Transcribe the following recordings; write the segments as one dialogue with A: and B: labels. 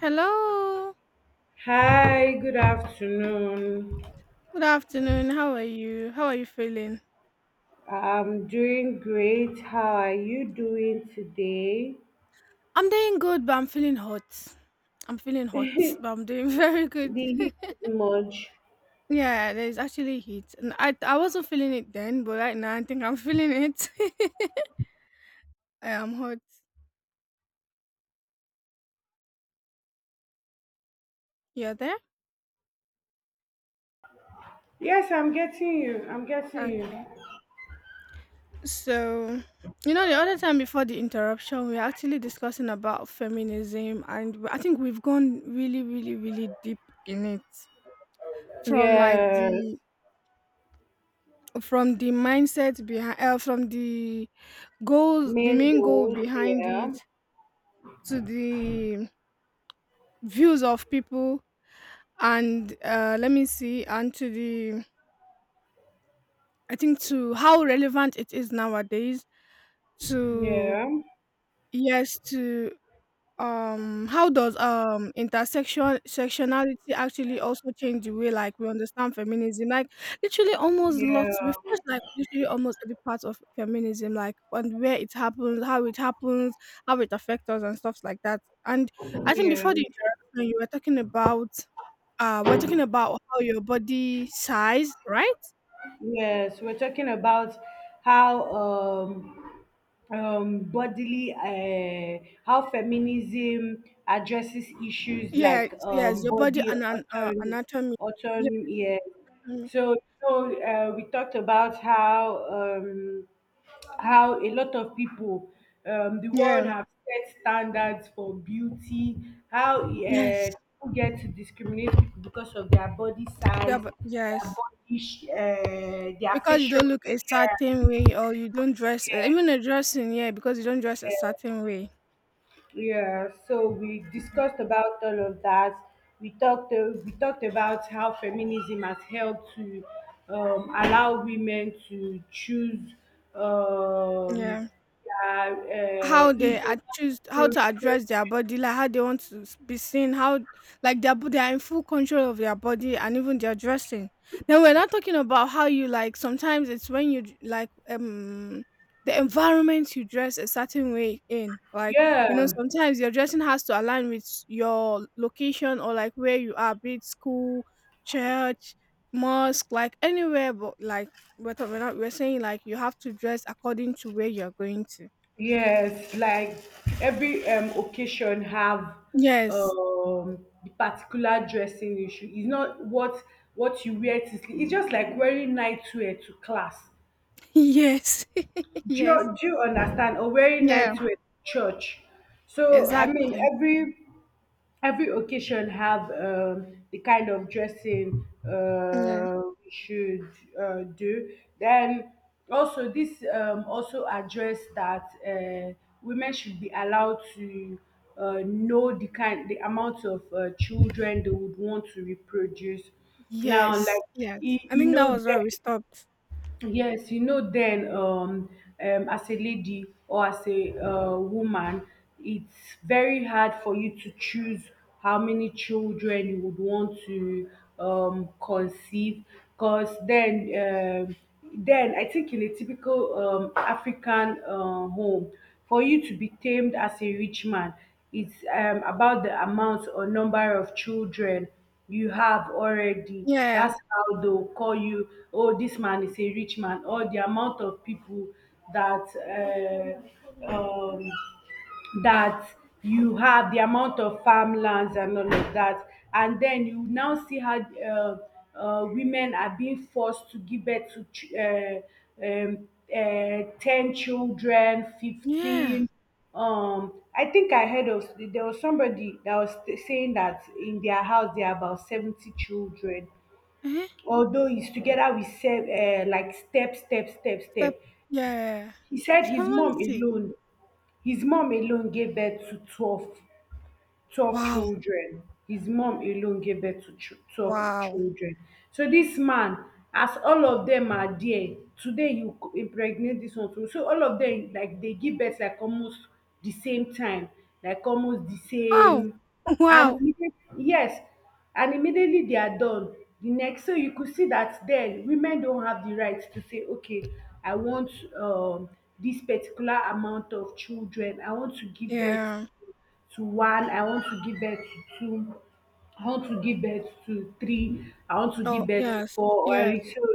A: Hello.
B: Hi, good afternoon.
A: Good afternoon. How are you? How are you feeling?
B: I'm doing great. How are you doing today?
A: I'm doing good, but I'm feeling hot. I'm feeling hot, but I'm doing very good.
B: The heat is much.
A: Yeah, there's actually heat. And I wasn't feeling it then, but right now I think I'm feeling it. I am hot. You're there?
B: Yes, I'm getting you. I'm getting you.
A: Okay. So, the other time before the interruption, we were actually discussing about feminism, and I think we've gone really, really, really deep in it from like
B: Yes.
A: the from the mindset behind, from the goals the
B: Main
A: main goal
B: goals,
A: behind
B: yeah.
A: it, to the views of people, and let me see, and to the, I think, to how relevant it is nowadays, to
B: Yeah.
A: yes, to how does intersection sectionality actually also change the way like we understand feminism, like literally almost lots we
B: Yeah.
A: first like literally almost every part of feminism, like and where it happens, how it happens, how it affects us and stuff like that. And I think
B: Yeah.
A: before the interaction you were talking about, we're talking about how your body size, right?
B: Yes. We're talking about how bodily, how feminism addresses issues
A: Yes,
B: like
A: yes, your body
B: body
A: and
B: autonomy.
A: anatomy. Yeah.
B: Autonomy, yeah.
A: mm,
B: So, so, we talked about how a lot of people, the world
A: yeah,
B: have set standards for beauty, how
A: yes.
B: people get to discriminate people because of their body
A: Yeah,
B: size,
A: but
B: their
A: yes.
B: body, their
A: Because you
B: facial.
A: don't look a certain way or you don't dress, even a dressing, yeah, because you don't dress a certain way.
B: Yeah, so we discussed about all of that. We talked about how feminism has helped to allow women to choose, um,
A: Yeah.
B: yeah,
A: How
B: if
A: they
B: they
A: are,
B: want
A: choose
B: to
A: how to address their body, like how they want to be seen, how like they are in full control of their body and even their dressing. Then we're not talking about how you, like sometimes it's when you the environment, you dress a certain way in, like
B: yeah.
A: you know, sometimes your dressing has to align with your location or like where you are, be it school, church, mosque, like anywhere. But like we're, we're not, we're saying like you have to dress according to where you're going to.
B: Yes, like every occasion have
A: Yes.
B: um, the particular dressing issue. It's not what what you wear to sleep. It's just like wearing nightwear to class.
A: Yes. Yes.
B: Joe, do you understand? Or wearing
A: Yeah,
B: night wear to church? So I mean,
A: exactly.
B: every occasion have the kind of dressing
A: Yeah.
B: we should do. Then also this also address that women should be allowed to know the kind, the amount of children they would want to reproduce. Now,
A: Yes.
B: like
A: Yes.
B: you,
A: I
B: you
A: think that
B: know,
A: was where we
B: then
A: stopped.
B: yes, you know, then as a lady or as a woman, it's very hard for you to choose how many children you would want to conceive. Because then I think in a typical African home, for you to be tamed as a rich man, it's about the amount or number of children you have already.
A: Yeah.
B: That's how they'll call you, oh, this man is a rich man, or the amount of people that uh, um, that you have, the amount of farmlands and all of that. And then you now see how women are being forced to give birth to um, 10 children,
A: Yeah.
B: 15. I think I heard of there was somebody that was saying that in their house there are about 70 children,
A: Eh?
B: although it's together with like step, step, step,
A: Step.
B: step.
A: Yeah.
B: He said
A: 70.
B: his mom alone gave birth to 12
A: Wow.
B: children. His mom alone gave birth to 12
A: Wow.
B: children. So this man, as all of them are there, today you impregnate this one too. So all of them, like they give birth like almost the same time, like almost the
A: Wow.
B: same. And
A: Wow.
B: yes, and immediately they are done. The next, so you could see that then women don't have the right to say, okay, I want um, this particular amount of children. I want to give birth
A: Yeah.
B: to one, I want to give birth to two, I want to give birth to three, I want to
A: Oh,
B: give birth to
A: yes.
B: four.
A: Yes.
B: Or so,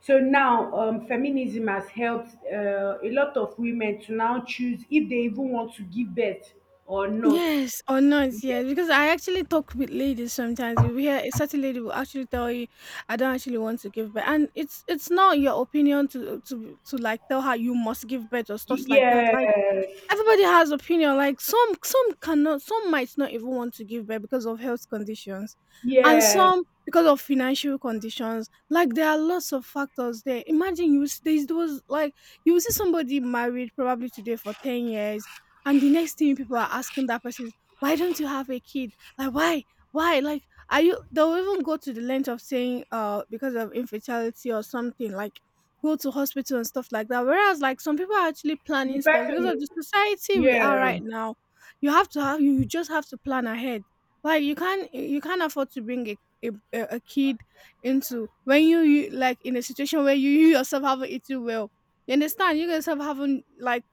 B: so now feminism has helped a lot of women to now choose if they even want to give birth or not.
A: Yes or not, yes. Because I actually talk with ladies sometimes. You hear a certain lady will actually tell you, I don't actually want to give birth. And it's not your opinion to like tell her you must give birth or stuff like that.
B: Yeah,
A: Like
B: yeah,
A: everybody has opinion, like some cannot, some might not even want to give birth because of health conditions, and
B: yeah.
A: some because of financial conditions. Like there are lots of factors there. Imagine there's those like you will see somebody married probably today for 10 years, and the next thing people are asking that person is, why don't you have a kid? Like why like are you, they'll even go to the length of saying because of infertility or something, like go to hospital and stuff like that. Whereas like some people are actually
B: The
A: planning stuff because
B: person,
A: of the society we are
B: yeah,
A: right now. You just have to plan ahead. Like you can't afford to bring a kid into, when you like, in a situation where you yourself haven't eaten well. You understand? You yourself haven't, like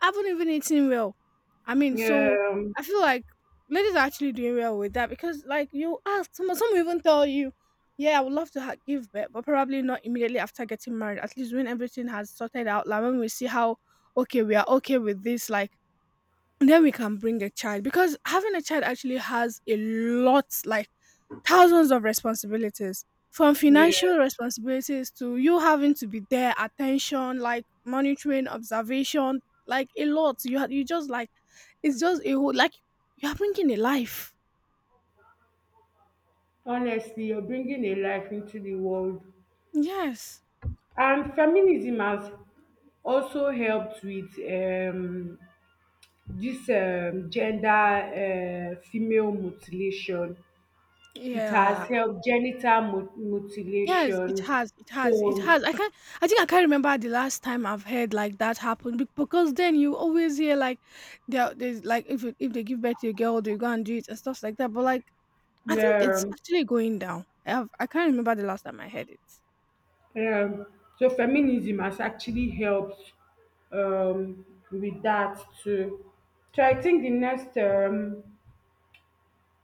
A: I haven't even eaten well. I mean, so
B: yeah,
A: I feel like ladies are actually doing well with that because, like, you ask someone, some will even tell you, "Yeah, I would love to give birth, but probably not immediately after getting married. At least when everything has sorted out, like when we see how okay we are, okay with this, like." Then we can bring a child, because having a child actually has a lot, like thousands of responsibilities, from financial
B: yeah.
A: responsibilities to you having to be there, attention, like monitoring, observation, like a lot. You just like, it's just a whole like you're bringing a life.
B: Honestly, you're bringing a life into the world.
A: Yes.
B: And feminism has also helped with this gender female mutilation. It has
A: Yeah,
B: helped genital
A: yes, it
B: mutilation.
A: has, it has, it
B: So,
A: has. I think I can't remember the last time I've heard like that happen. Because then you always hear like there's like, if they give birth to a girl they go and do it and stuff like that. But like I think it's
B: um,
A: actually going down. I can't remember the last time I heard it.
B: um, so feminism has actually helped um, with that too. So I think the next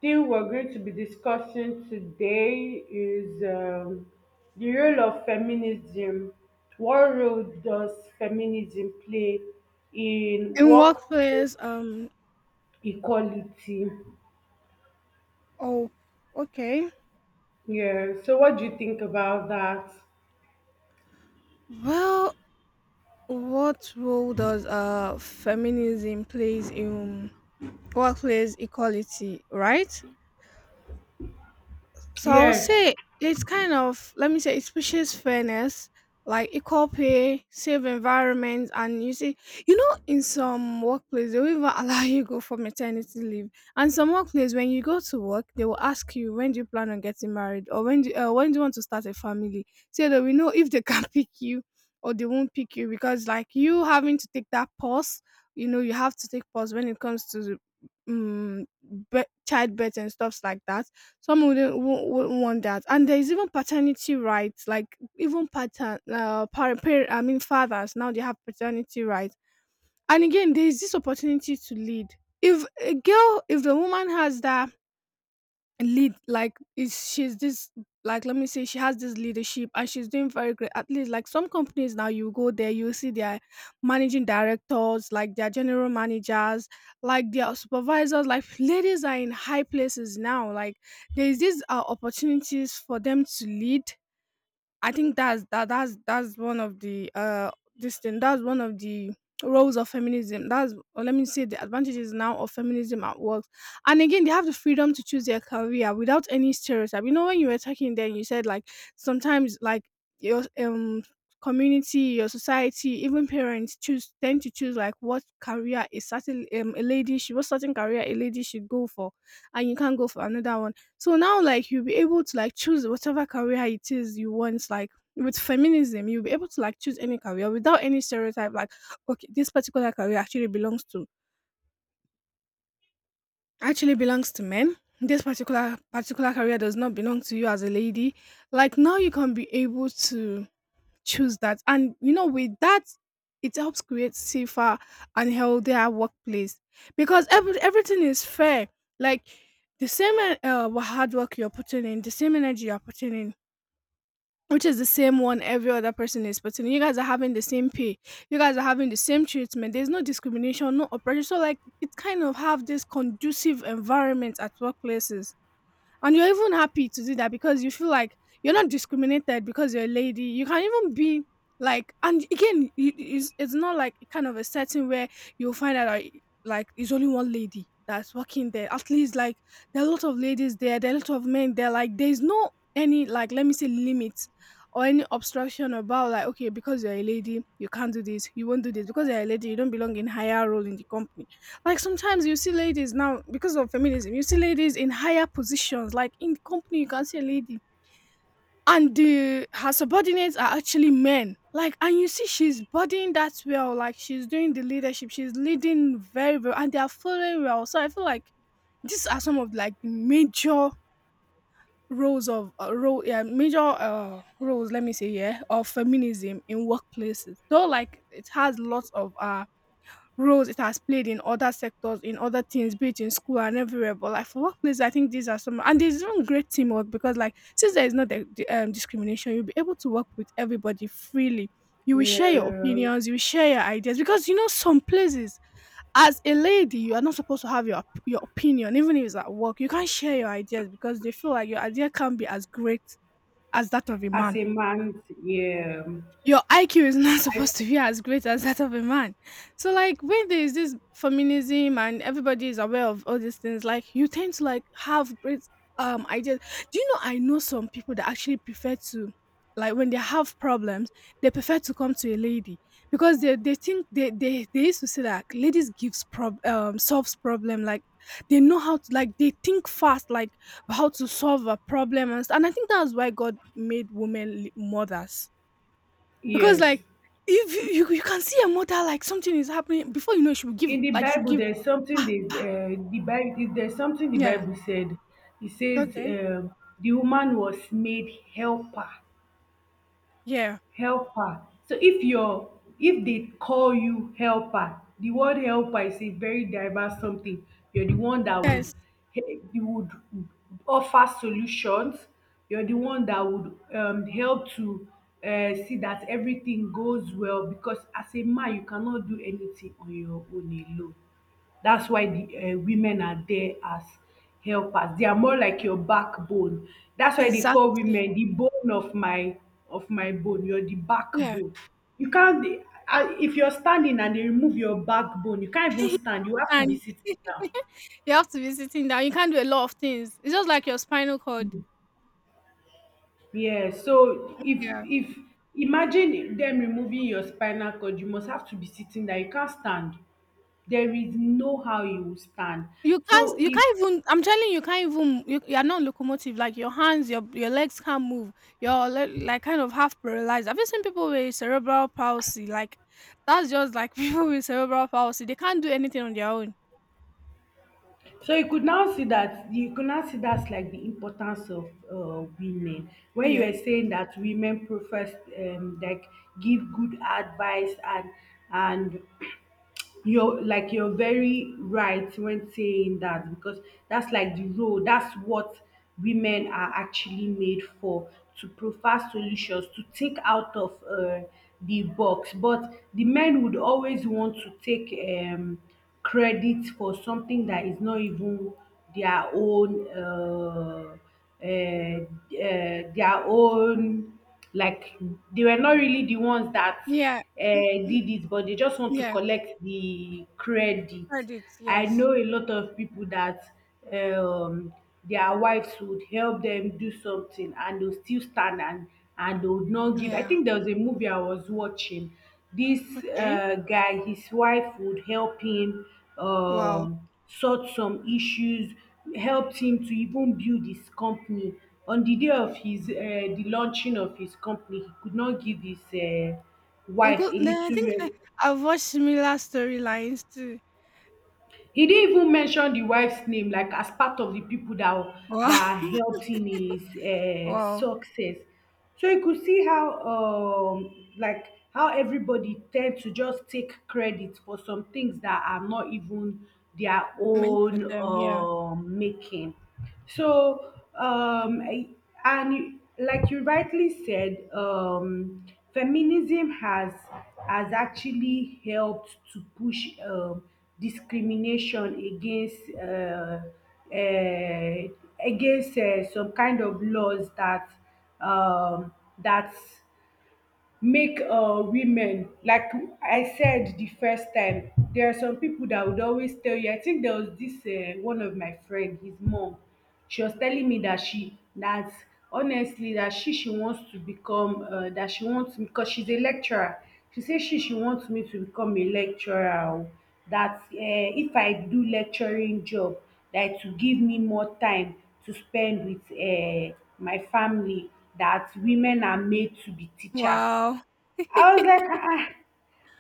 B: thing we're going to be discussing today is the role of feminism. What role does feminism play in
A: In
B: workplace
A: workplace,
B: equality?
A: oh, okay.
B: Yeah. So, what do you think about that?
A: Well, what role does feminism plays in workplace equality, right? So I would
B: Yes.
A: say it's kind of, let me say, it pushes fairness, like equal pay, safe environment, and in some workplace they will even allow you go for maternity leave, and some workplace when you go to work they will ask you, when do you plan on getting married, or when do you want to start a family, so that we know if they can pick you or they won't pick you because like you having to take that pause. You know, you have to take pause when it comes to um, childbirth and stuffs like that. Some wouldn't want that. And there's even paternity rights, like even I mean fathers now, they have paternity rights. And again, there's this opportunity to lead, if a girl if the woman has that lead, like is she's this, like let me say she has this leadership and she's doing very great. At least like some companies now, you go there, you see their managing directors, like their general managers, like their supervisors, like ladies are in high places now. Like there is these opportunities for them to lead. I think that's that that's one of the this thing that's one of the roles of feminism. That's, or let me say, the advantages now of feminism at work. And again, they have the freedom to choose their career without any stereotype. You know, when you were talking then you said like sometimes, like your community, your society, even parents choose tend to choose like what career a certain a lady should, what certain career a lady should go for, and you can't go for another one. So now like you'll be able to like choose whatever career it is you want. Like with feminism, you'll be able to like choose any career without any stereotype, like okay, this particular career actually belongs to men. This particular career does not belong to you as a lady. Like now you can be able to choose that. And you know, with that, it helps create safer and healthier workplace, because everything is fair. Like the same hard work you're putting in, the same energy you're putting in, which is the same one every other person is, but you guys are having the same pay. You guys are having the same treatment. There's no discrimination, no oppression. So like it kind of have this conducive environment at workplaces, and you're even happy to do that because you feel like you're not discriminated because you're a lady. You can even be like, and again, it's not like kind of a setting where you'll find out like it's only one lady that's working there. At least like there are a lot of ladies there, there are a lot of men there. Like there's no any, like let me say, limits or any obstruction about like okay, because you're a lady you can't do this, you won't do this, because you're a lady you don't belong in higher role in the company. Like sometimes you see ladies now because of feminism, you see ladies in higher positions, like in company you can see a lady, and the her subordinates are actually men. Like and you see she's bodying that well, like she's doing the leadership, she's leading very well and they are following well. So I feel like these are some of like the major roles of roles, let me say, yeah, of feminism in workplaces. Though like it has lots of roles it has played in other sectors, in other things, be it in school and everywhere. But like for workplace, I think these are some. And there's even great teamwork, because like since there is no discrimination, you'll be able to work with everybody freely. You will share your
B: Yeah.
A: opinions, you will share your ideas, because you know some places as a lady you are not supposed to have your your opinion even if it's at work. You can't share your ideas because they feel like your idea can't be as great as that of a
B: As
A: man.
B: a man, yeah.
A: Your IQ is not
B: I,
A: supposed to be as great as that of a man. So like when there is this feminism and everybody is aware of all these things, you tend to have great ideas. Do you know I know some people that actually prefer to, like when they have problems, they prefer to come to a lady because they think they used to say that ladies gives prob solves problem, like they know how to, like they think fast, like how to solve a problem. And I think that's why God made mothers because,
B: yes.
A: like if you can see your mother, like something is happening before you know it, she will give,
B: In the
A: like she will
B: Bible,
A: give
B: there's something
A: "Pa, pa."
B: the Bible there's something the
A: Yeah.
B: Bible said. It says
A: Okay.
B: the woman was made helper,
A: Yeah.
B: helper. So if you're, if they call you helper, the word helper is a very diverse something. You're the one that would,
A: Yes.
B: you would offer solutions. You're the one that would help to see that everything goes well, because as a man you cannot do anything on your own alone. That's why the um, women are there as helpers. They are more like your backbone. That's why they call
A: Exactly.
B: women the bone of my bone. You're the
A: Yeah.
B: backbone. You can't dey- ah, if you're standing and they remove your backbone, you can't even stand. You have to be
A: And
B: sitting down.
A: you have to be sitting down. You can't do a lot of things. It's just like your spinal cord.
B: Yeah, so
A: Yeah.
B: if imagine them removing your spinal cord, you must have to be sitting there. You can't stand. There is no how you will stand.
A: You can't
B: So
A: you
B: if
A: can't even, I'm telling you, you can't even, you are not locomotive. Like your hands, your legs can't move. You're like kind of half paralyzed. Have you seen people with cerebral palsy? Like that's just like people with cerebral palsy. They can't do anything on their own.
B: So you could now see that, you could now see that's like the importance of women. When you
A: Yeah.
B: were saying that women profess like give good advice, and you're like, you're very right when saying that, because that's like the role, that's what women are actually made for, to provide solutions, to take out of the box. But the men would always want to take um, credit for something that is not even their own their own, like they were not really the ones that
A: Yeah. Mm, mm,
B: did it, but they just want to
A: yeah,
B: collect the credit.
A: credits,
B: I
A: yes.
B: know a lot of people that um, their wives would help them do something and they'll still stand and they would not give. I
A: Yeah,
B: think there was a movie I was watching, this
A: okay.
B: uh, guy, his wife would help him
A: Wow.
B: um, sort some issues, helped him to even build his company. On the day of his uh, the launching of his company he could not give his uh,
A: You
B: wife
A: good,
B: a
A: then I
B: little
A: think
B: rest.
A: I've watched similar storylines too.
B: He didn't even mention the wife's name like as part of di pipo dat
A: Wow.
B: that helped in his um,
A: Wow.
B: success. So you could see how um, like how everybody tend to just take credit for some things that are not even their
A: Meant for
B: own
A: them, yeah.
B: um, making. So um, and you- like you rightly said um, feminism has actually helped to push um, discrimination against uh, some kind of laws that um, that make women like. I said the first time there are some people that would always tell you. I think there was this one of my friend, his mom, she was telling me that she that honestly that she wants to become that she wants, because she's a lecturer, she says she wants me to become a lecturer o, that if I do lecturing job, that to give me more time to spend with my family, that women are made to be teachers.
A: Wow.
B: I was like, ah, ah."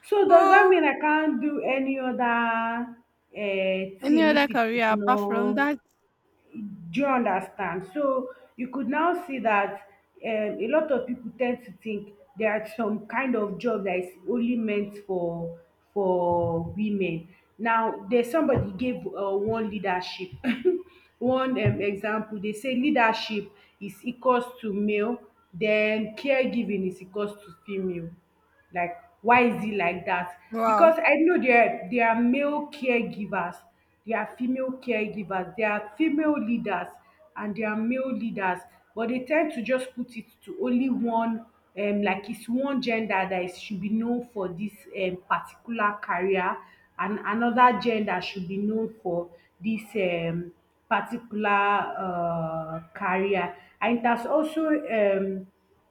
B: So does that
A: Wow.
B: mean I can't do any other
A: Any
B: thing
A: other
B: if it is
A: career apart from
B: not?
A: that?
B: Do you understand? So you could now see that um, a lot of people tend to think there are some kind of job that is only meant for women. Now, there's somebody gave one leadership, one example. They say leadership is equals to male, then caregiving is equals to female. Like, why is it like that? Because
A: Wow.
B: I know there, there are male caregivers, there are female caregivers, there are female leaders, and there are male leaders, but they tend to just put it to only one um, like it's one gender that is should be known for this um, particular career, and another gender should be known for this um, particular uh, career. And it has also um,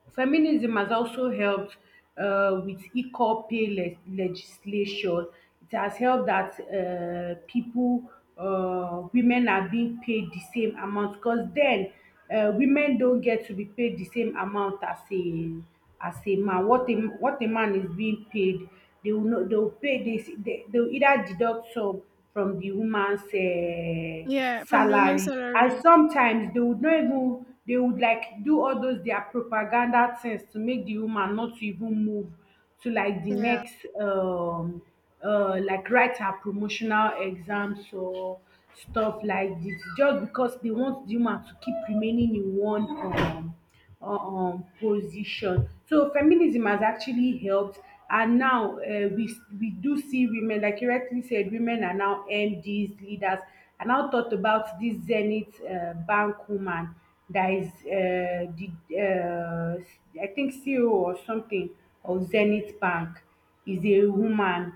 B: feminism has also helped with equal pay legislation. It has helped that people, women are being paid the same amount, because then women don't get to be paid the same amount as a man. What a man is being paid, they will know, they will pay this, they will either deduct some from the woman's eh,
A: Yeah, from the woman's
B: salary. And
A: salary.
B: sometimes they would not even, they would like do all those their propaganda things to make the woman not to even move to like the
A: Yeah.
B: next um, like write her promotional exams or stuff like this, just because they want the woman to keep remaining in one um um, position. So feminism has actually helped, and now we do see women, like you rightly said, women are now MDs, leaders. I now thought about this Zenith Bank woman that is the I think CEO or something of Zenith Bank is a woman.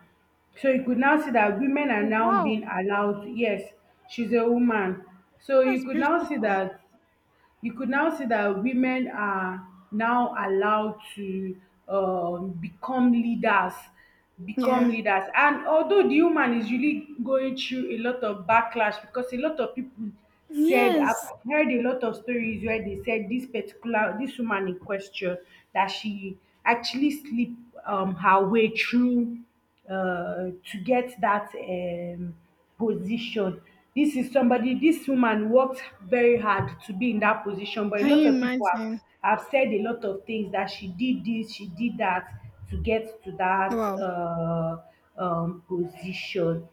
B: So you could now see that women are
A: Oh,
B: now
A: wow.
B: being allowed. Yes, she's a woman. So
A: That's
B: you could now see
A: beautiful.
B: that, you could now see that women are now allowed to become leaders, become
A: Yeah.
B: leaders. And although the woman is really going through a lot of backlash, because a lot of people said,
A: Yes.
B: I've heard a lot of stories where they said this particular, this woman in question, that she actually sleep her way through to get that position. This is somebody, this woman worked very hard to be in that position, but a
A: Can
B: lot
A: you
B: of people
A: imagine?
B: have said a lot of things that she did this, she did that to get to that
A: Wow.
B: position.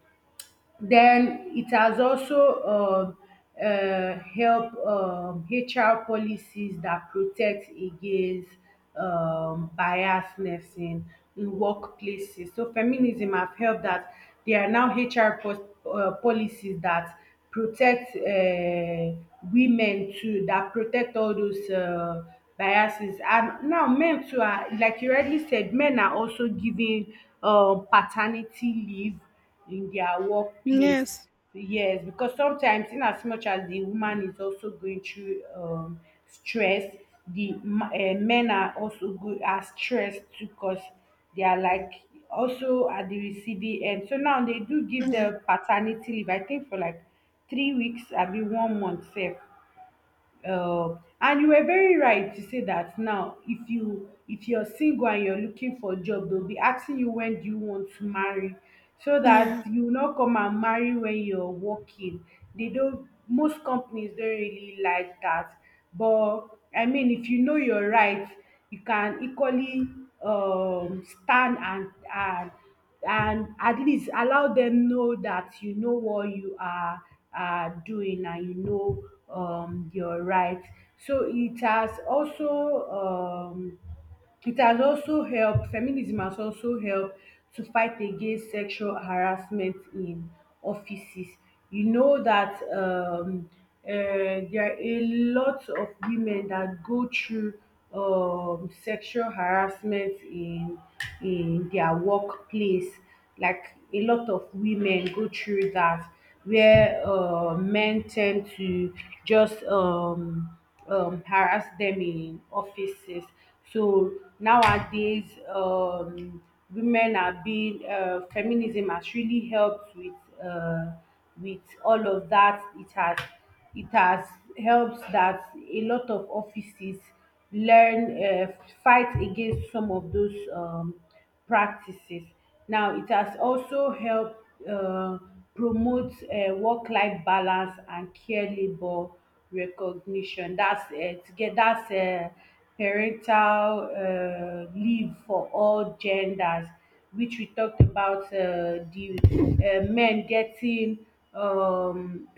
B: Then it has also helped HR policies that protect against biasness in workplaces. So feminism have helped that there are now HR policies that protect women too, that protect all those biases. And now men too are, like you already said, men are also giving paternity leave in their workplace.
A: Yes.
B: Yes, because sometimes, in as much as the woman is also going through stress, the men are also go are stressed too because they are like also at the receiving end. So now they do give
A: Yeah.
B: the paternity leave, I think for like 3 weeks, I be one month safe. Uh, and you were very right to say that now if you if you're single and you're looking for a job, they'll be asking you when do you want to marry, so
A: Yeah.
B: that you will not come and marry when you're working. They don't most companies don't really like that, but I mean, if you know your rights, you can equally stand and at least allow them know that you know what you are doing, and you know your right. So it has also It has also helped, feminism has also helped to fight against sexual harassment in offices. You know that there are a lot of women that go through sexual harassment in their workplace. Like a lot of women go through that, where men tend to just harass them in offices. So nowadays, women are being feminism has really helped uh, with all of that. It has helped that a lot of offices learn fight against some of those practices. Now, it has also helped uh, promote work life balance and care labor recognition. That's to get that's parental leave for all genders, which we talked about, the men getting um,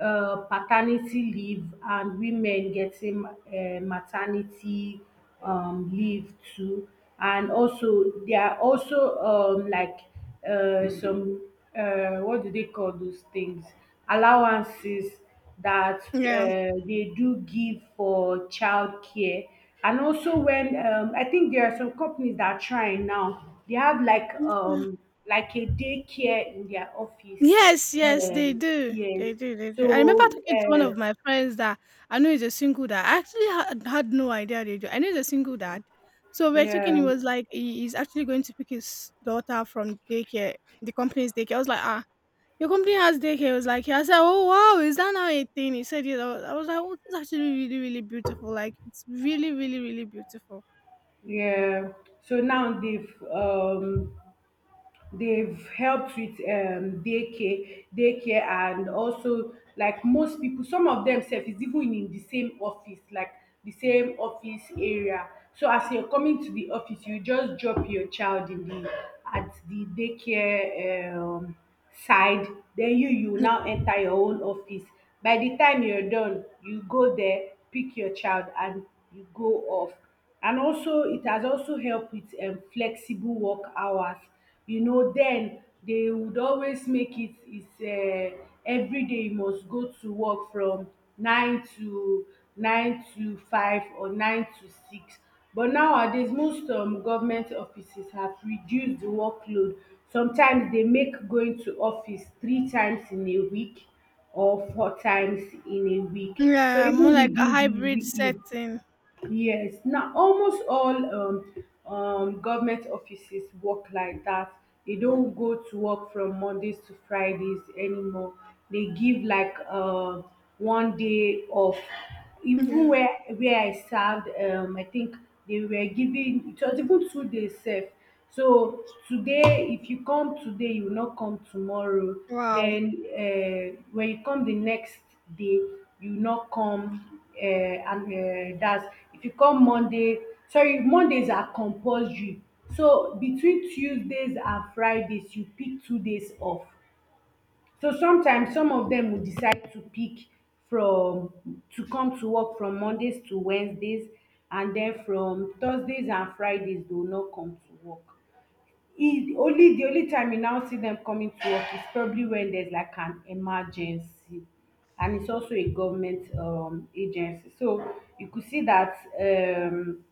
B: paternity leave and women getting maternity leave too. And also, there are also like some what do they call those things? Allowances that
A: Yeah.
B: they do give for childcare. And also, when I think there are some companies that are trying now, they have like a daycare in their office
A: Yes, yes, they
B: um,
A: do.
B: yes.
A: They do, they do. I remember
B: So,
A: talking to one of my friends that I know is a single dad. I actually had no idea they do. I know he's a single dad. So we're talking,
B: yeah,
A: he was like, he's actually going to pick his daughter from daycare, the company's daycare. I was like, ah, your company has daycare. He was like, yeah. I said, oh, wow, is that now a thing? He said, yeah. I was like, oh, it's actually really, really beautiful. Like, it's really, really, really beautiful.
B: yeah. So now they've helped with daycare, and also like most people, some of them self is even in the same office, like the same office area. So as you're coming to the office, you just drop your child in the at the daycare side. Then you now enter your own office. By the time you're done, you go there, pick your child, and you go off. And also, it has also helped with flexible work hours. You know, then they would always make it it's every day you must go to work from nine to nine to five or nine to six. But nowadays, most government offices have reduced the workload. Sometimes they make going to office three times in a week or four times in a week. So
A: Yeah, more
B: even
A: like a
B: within the
A: hybrid
B: week, yeah.
A: setting.
B: Yes, now almost all government offices work like that. They don't go to work from Mondays to Fridays anymore. They give like one day off. Even
A: Yeah.
B: where I served, I think they were giving, it was even 2 days off. So today, if you come today, you will not come tomorrow.
A: Wow.
B: Then when you come the next day, you will not come. And That's if you come Monday. Sorry, Mondays are compulsory. So between Tuesdays and Fridays, you pick 2 days off. So sometimes some of them will decide to pick from to come to work from Mondays to Wednesdays, and then from Thursdays and Fridays they will not come to work. E only time you now see them coming to work is probably when there's like an emergency, and it's also a government agency. So you could see that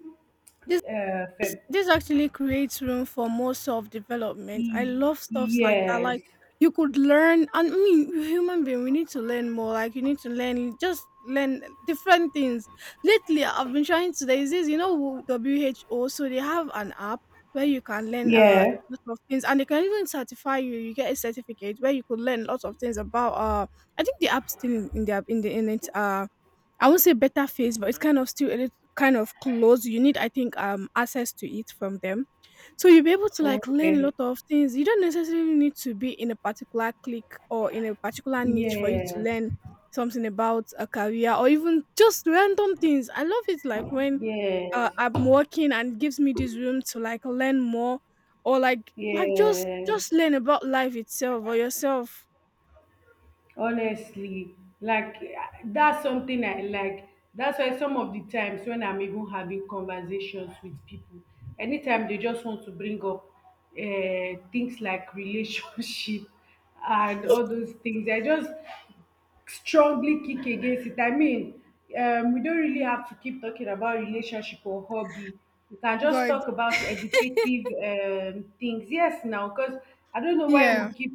A: This
B: uh,
A: This
B: fem-
A: this actually creates room for more self-development. I
B: e-
A: love stuffs like that.
B: yes.
A: Like you could learn, and I mean, we're human being, we need to learn more. Like you need to learn, just learn different things. Lately, I've been trying to. There's this, you know, WHO. So they have an app where you can learn
B: Yeah,
A: lot of things, and they can even certify you. You get a certificate where you could learn lots of things about I think the app still in it. I won't say better face, but it's kind of still a little kind of close. You need, I think, access to it from them. So you'll be able to like learn a
B: okay,
A: lot of things. You don't necessarily need to be in a particular clique or in a particular niche for you to
B: yes,
A: learn something about a career or even just random things. I love it like when
B: yes,
A: I'm working and it gives me this room to like learn more or like just
B: yes.
A: learn about life itself or yourself.
B: Honestly, like that's something I like. That's why some of the times when I'm even having conversations with people, anytime they just want to bring up things like relationship and all those things, I just strongly kick against it. I mean, we don't really have to keep talking about relationship or hobby. We can just
A: God.
B: talk about educative things. Yes, now, because I don't know why
A: Yeah.
B: we keep,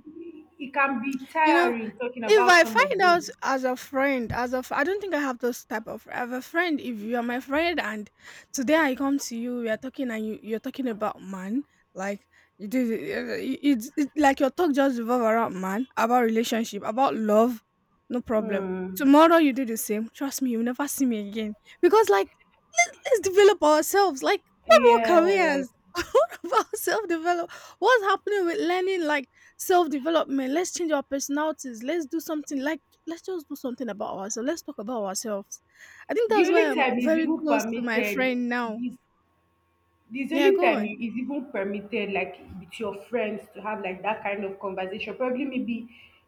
B: it can be
A: You know,
B: tiring talking
A: if
B: about
A: I
B: some of
A: find
B: those.
A: out as a friend, I don't think I have those type of. I have a friend. If you are my friend, and today I come to you, we are talking, and you're talking about man, like you do, like your talk just revolve around man, about relationship, about love, no problem.
B: Mm,
A: Tomorrow you do the same. Trust me, you'll never see me again because like let's develop ourselves. Like what about
B: yes.
A: careers? what about self develop? What's happening with learning? Like self development. Let's change our personalities. Let's do something, like let's just do something about ourselves. Let's talk about ourselves. I think
B: The
A: that's why
B: only
A: I'm
B: time is
A: very
B: even
A: close to my
B: permitted
A: friend now.
B: is This
A: Yeah,
B: only
A: go
B: time
A: on.
B: you is even permitted, like with your friends, to have like that kind of conversation. Probably maybe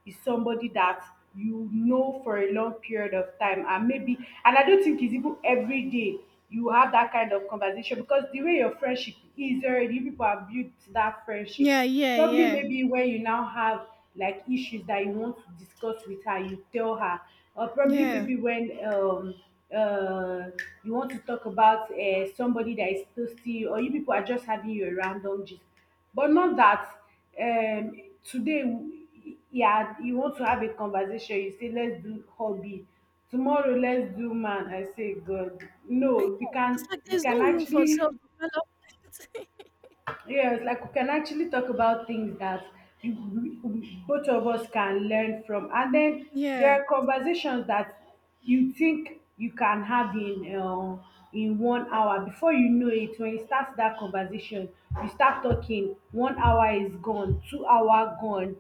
B: is somebody that you know for a long period of time, and maybe, and I don't think it's even every day you have that kind of conversation, because the way your friendship is already, people have built that friendship.
A: Yeah, yeah,
B: Probably
A: yeah,
B: maybe when you now have like issues that you want to discuss with her, you tell her, or probably
A: yeah.
B: maybe when uh you want to talk about somebody that is thirsty, or you people are just having your random gist. But not that um today w- yeah, you want to have a conversation, you say let's do hobby, tomorrow let's do man. I say, God
A: And
B: no,
A: yeah, it's like
B: we
A: there's
B: can
A: no room for
B: actually
A: self development.
B: Yes, like we can actually talk about things that you, both of us can learn from. And then there
A: yeah.
B: are conversations that you think you can have in 1 hour. Before you know it, when you start that conversation, you start talking. 1 hour is gone, 2 hour gone,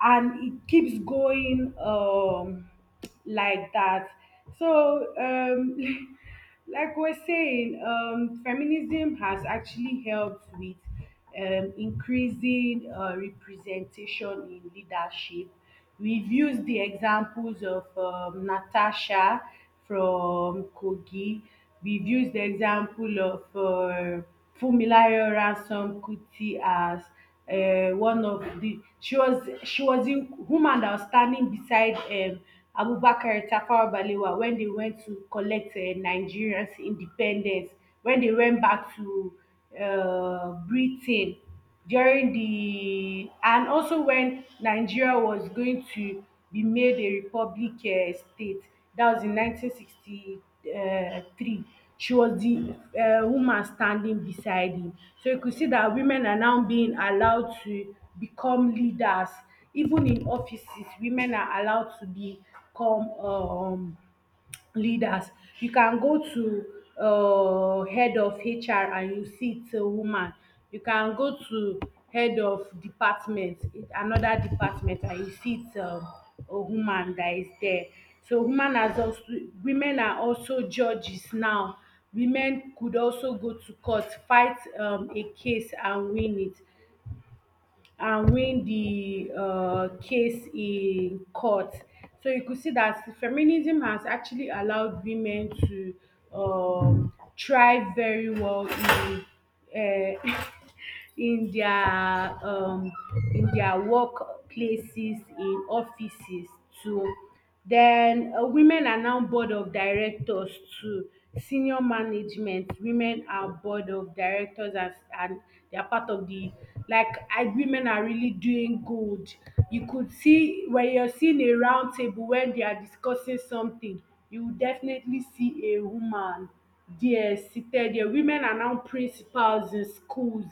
B: and it keeps going. Like that. So, like we're saying, feminism has actually helped with increasing representation in leadership. We've used the examples of Natasha from Kogi. We've used the example of Fumilayo Ransom Kuti as one of the she was the woman that was standing beside Abubakar Tafawa Balewa when they went to collect Nigeria's independence, when they went back to Britain during the, and also when Nigeria was going to be made a republic state, that was in 1963. She was the woman standing beside him. So you could see that women are now being allowed to become leaders. Even in offices, women are allowed to become leaders. You can go to head of HR and you see it's a woman. You can go to head of department, another department, and you see it's a woman that is there. So woman has also women are also judges now. Women could also go to court, fight a case and win it, and win the case in court. So you could see that feminism has actually allowed women to um, thrive very well in. Uh, in their um in their work places, in offices too. Then women are now board of directors too, senior management. Women are board of directors as and they are part of the like I, women are really doing good. You could see when you're seeing a round table, when they are discussing something, you will definitely see a woman there, seated there. Women are now principals in schools.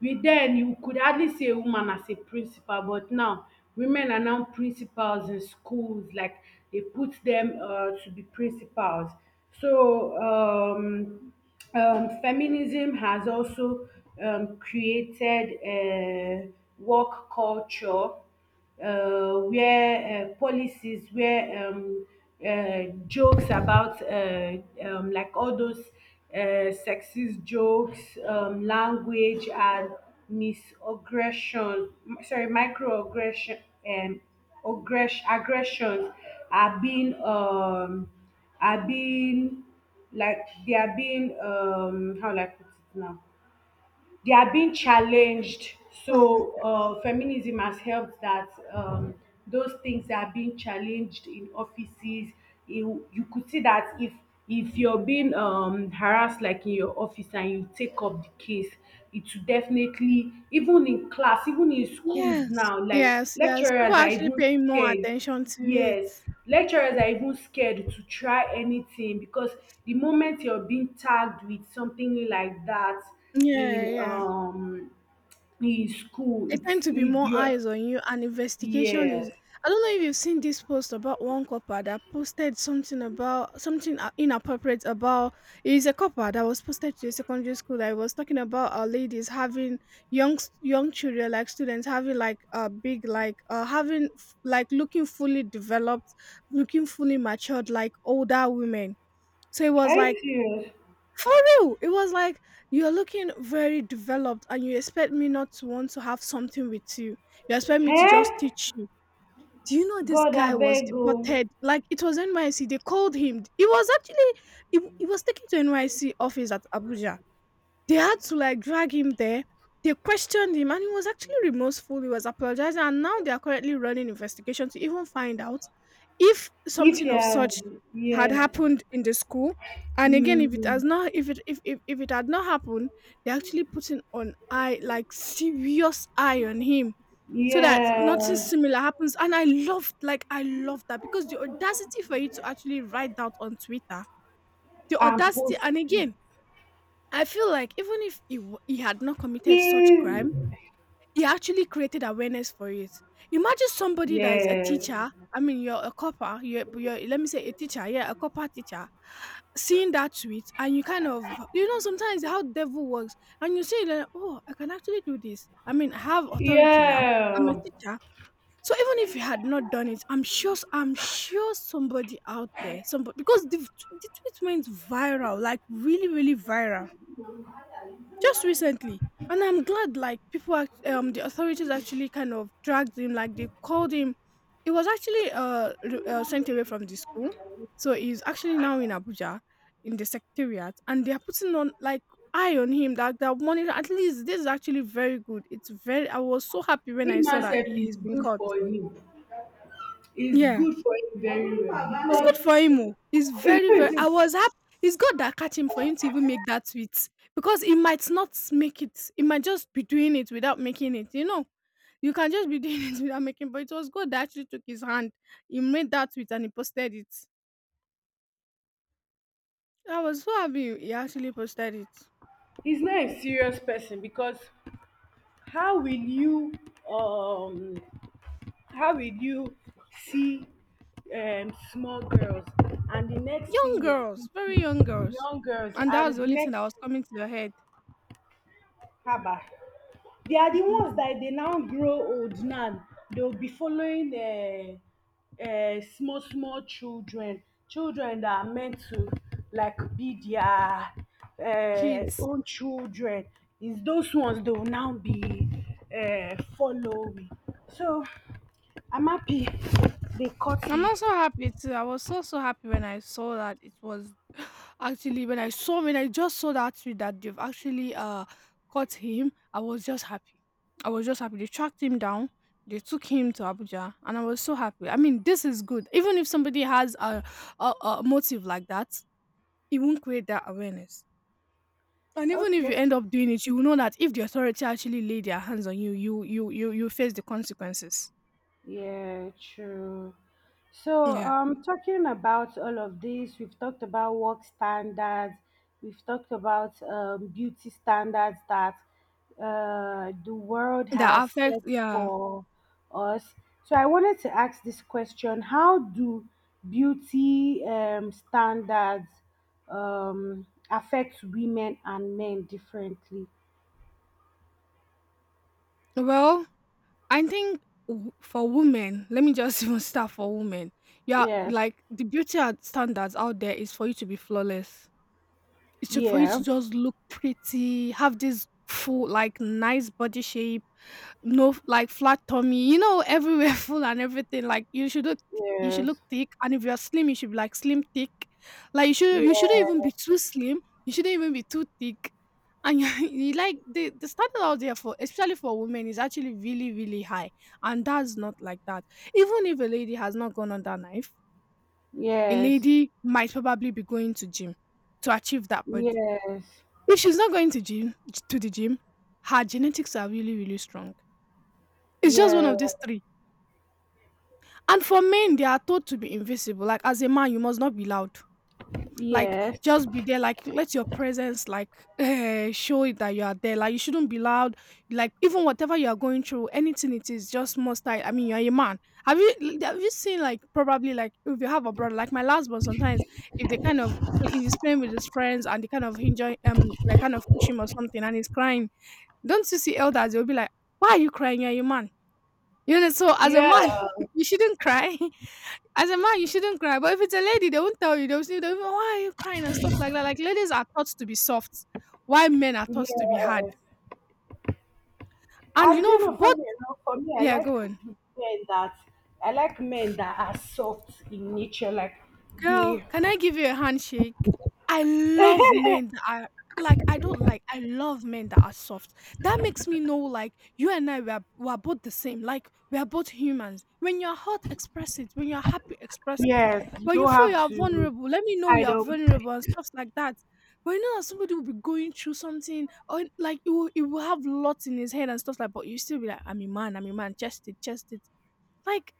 B: We then you could hardly see a woman as a principal, but now women are now principals in schools. Like they put them to be principals. So feminism has also created a work culture where policies where jokes about like all those sexist jokes, language and microaggression, um, aggressions are being um, are being like they are being, how will I put it now, they are being challenged.
A: Um.
B: So feminism has helped that those things are being challenged in offices. You could see that if you're being harassed like in your office and you take up the case, it will definitely even in class, even in schools
A: Yes.
B: now, like
A: Yes. Yes. People
B: lecturers
A: are
B: are
A: actually
B: even
A: paying more
B: scared.
A: attention to it.
B: Yes, lecturers are even scared to try anything, because the moment you're being tagged with something like that
A: Yeah.
B: in
A: Yeah.
B: um in school,
A: There tend to be more
B: you're
A: eyes on you, and investigation is.
B: yes.
A: I don't know if you've seen this post about one copper that posted something about something inappropriate about. It's a copper that was posted to a secondary school that was talking about our ladies having young children, like students having like big, like having like looking fully developed, looking fully matured, like older women. So it was
B: Are
A: like
B: you serious?
A: for real, it was like you're looking very developed and you expect me not to want to have something with you. You expect me to just
B: Hey,
A: teach you. Do you know this
B: God,
A: guy
B: I
A: was
B: beg you.
A: deported? Like it was NYC. They called him. He was actually he was taken to NYC office at Abuja. They had to like drag him there. They questioned him and he was actually remorseful. He was apologizing and now they are currently running investigation to even find out if
B: If
A: something
B: you
A: of
B: has
A: such had
B: yes,
A: happened in the school. And again,
B: mm,
A: if if it had not happened, they're actually putting on eye, like serious eye on him so that nothing
B: yes,
A: similar happens. And I loved, like I loved that because the audacity for you to actually write that on Twitter. The
B: and
A: audacity,
B: post
A: and
B: it
A: again I feel like even if he had not committed such
B: is
A: crime, he actually created awareness for it. Imagine somebody that is a
B: yes,
A: teacher. I mean, you're a copper. You're let me say a teacher. Yeah, a copper teacher. Seeing that tweet and you kind of you know sometimes how devil works and you say like, oh, I can actually do this. I mean, I have authority now. I'm a
B: yeah.
A: teacher. So even if you had not done it, I'm sure somebody out there, somebody because the tweet went viral, like really, really viral just recently. And I'm glad like the authorities actually kind of dragged him, like they called him. He was actually sent away from the school. So he's actually now in Abuja in the secretariat and they are putting on like eye on him, that that money, at least this is actually very good. It's very I was so happy when
B: He
A: I saw that
B: myself is
A: he's been
B: good
A: caught.
B: for him. Is
A: Yeah.
B: good for him very
A: It's
B: well
A: good
B: because
A: for him oh. It's very, very I was happy. It's good that catch him for him to even make that tweet because he might not make it. He might just be doing it without making it, you know? You can just be doing it without making, but it was good that actually took his hand. He made that tweet and he posted it. I was so happy he actually posted it.
B: he's not a serious person. Because how will you um how will you see small girls, and the next
A: Young
B: thing you're
A: girls, very young
B: thinking
A: girls.
B: young girls,
A: And that was
B: and
A: the
B: the
A: only thing that
B: next,
A: was coming to your head.
B: haba, they are the ones that dey now grow old now. They will be following small small children, children that are meant to like be their
A: Kids.
B: own children. Is those ones they will now be following. So I'm happy they cut
A: I'm
B: him.
A: also happy too. I was so so happy when I saw that it was actually when I saw when I just saw that tweet that they've actually caught him. I was just happy. I was just happy. They tracked him down. They took him to Abuja, and I was so happy. I mean, this is good. Even if somebody has a motive like that, it won't create that awareness. And even if
B: Okay.
A: you end up doing it, you will know that if the authority actually lay their hands on you, you face the consequences.
B: Yeah, true. So,
A: Yeah,
B: talking about all of this, we've talked about work standards, we've talked about beauty standards that the world
A: that
B: has
A: affects.
B: set
A: Yeah.
B: for us. So, I wanted to ask this question: how do beauty standards affect women and men differently?
A: Well, I think for women, let me just even start for women. Yeah,
B: Yes.
A: like the beauty and standards out there is for you to be flawless. For you
B: Yeah.
A: to just look pretty, have this full, like nice body shape, no f- like flat tummy, you know, everywhere full and everything. Like you should look, you should look
B: Yes.
A: thick, and if you're slim, you should be like slim thick. Like you shouldn't even
B: Yeah.
A: be too slim. You shouldn't even be too thick. And you like the standard out there for especially for women is actually really, really high. And that's not like that. Even if a lady has not gone on that knife, a
B: Yes.
A: lady might probably be going to gym to achieve that body.
B: Yes,
A: If she's not going to gym to the gym, her genetics are really, really strong. It's just one
B: yeah,
A: of these 3. And for men, they are told to be invisible. Like, as a man, you must not be loud. Like,
B: yes,
A: just be there. Like, let your presence, like, show it that you are there. Like, you shouldn't be loud. Like, even whatever you are going through, anything it is, just must I. I mean, you are a man. Have you have you seen, like, probably, like, if you have a brother like my last one? Sometimes if they kind of, if he's playing with his friends and they kind of enjoy, like, kind of push him or something and he's crying. Don't you see elders? They'll be like, "Why are you crying? You're a man." You know, so as a
B: yeah,
A: man, you shouldn't cry. As a man, you shouldn't cry. But if it's a lady, they won't tell you. They'll say, they'll be, like, "Why are you crying?" and stuff like that. Like, ladies are taught to be soft, while men are taught to be hard.
B: yes.
A: And you
B: And
A: know,
B: you know, funny
A: both.
B: enough, for me,
A: Yeah, go on.
B: I like men that are soft in nature, like
A: Girl,
B: they.
A: can I give you a handshake? I love men that are like, I don't like I love men that are soft. That makes me know, like, you and I, we are both the same. Like, we are both humans. When you're hot, express it. When you're happy, express it.
B: Yes, you
A: When you
B: don't
A: feel you
B: have
A: are
B: to
A: vulnerable, let me know you
B: hide
A: are
B: up.
A: vulnerable and stuff like that. But you know that somebody will be going through something, or like, it will have lots in his head and stuff like, but you still be like, I'm a man, chest it, chest it. Like,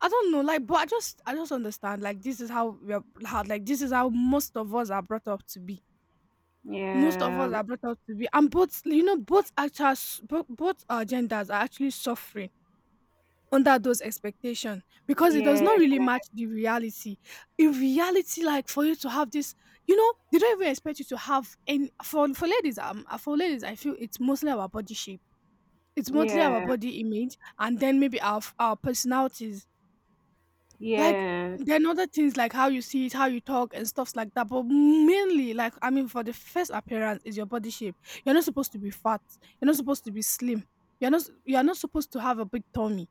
A: I don't know, like, but I just understand, like, this is how we are, how, like, this is how most of us are brought up to be. Most of us
B: Yeah,
A: are brought up to be, and both, you know, both actual, both our genders are actually suffering under those expectations because it does
B: yeah,
A: not really match the reality. In reality, like, for you to have this, you know, they don't even expect you to have any. For ladies, for ladies, I feel it's mostly our body shape. It's mostly our
B: yeah,
A: body image, and then maybe our personalities. Like,
B: yeah,
A: then other things like how you see it, how you talk and stuffs like that. But mainly, like, I mean, for the first appearance is your body shape. You're not supposed to be fat. You're not supposed to be slim. You're not supposed to have a big tummy.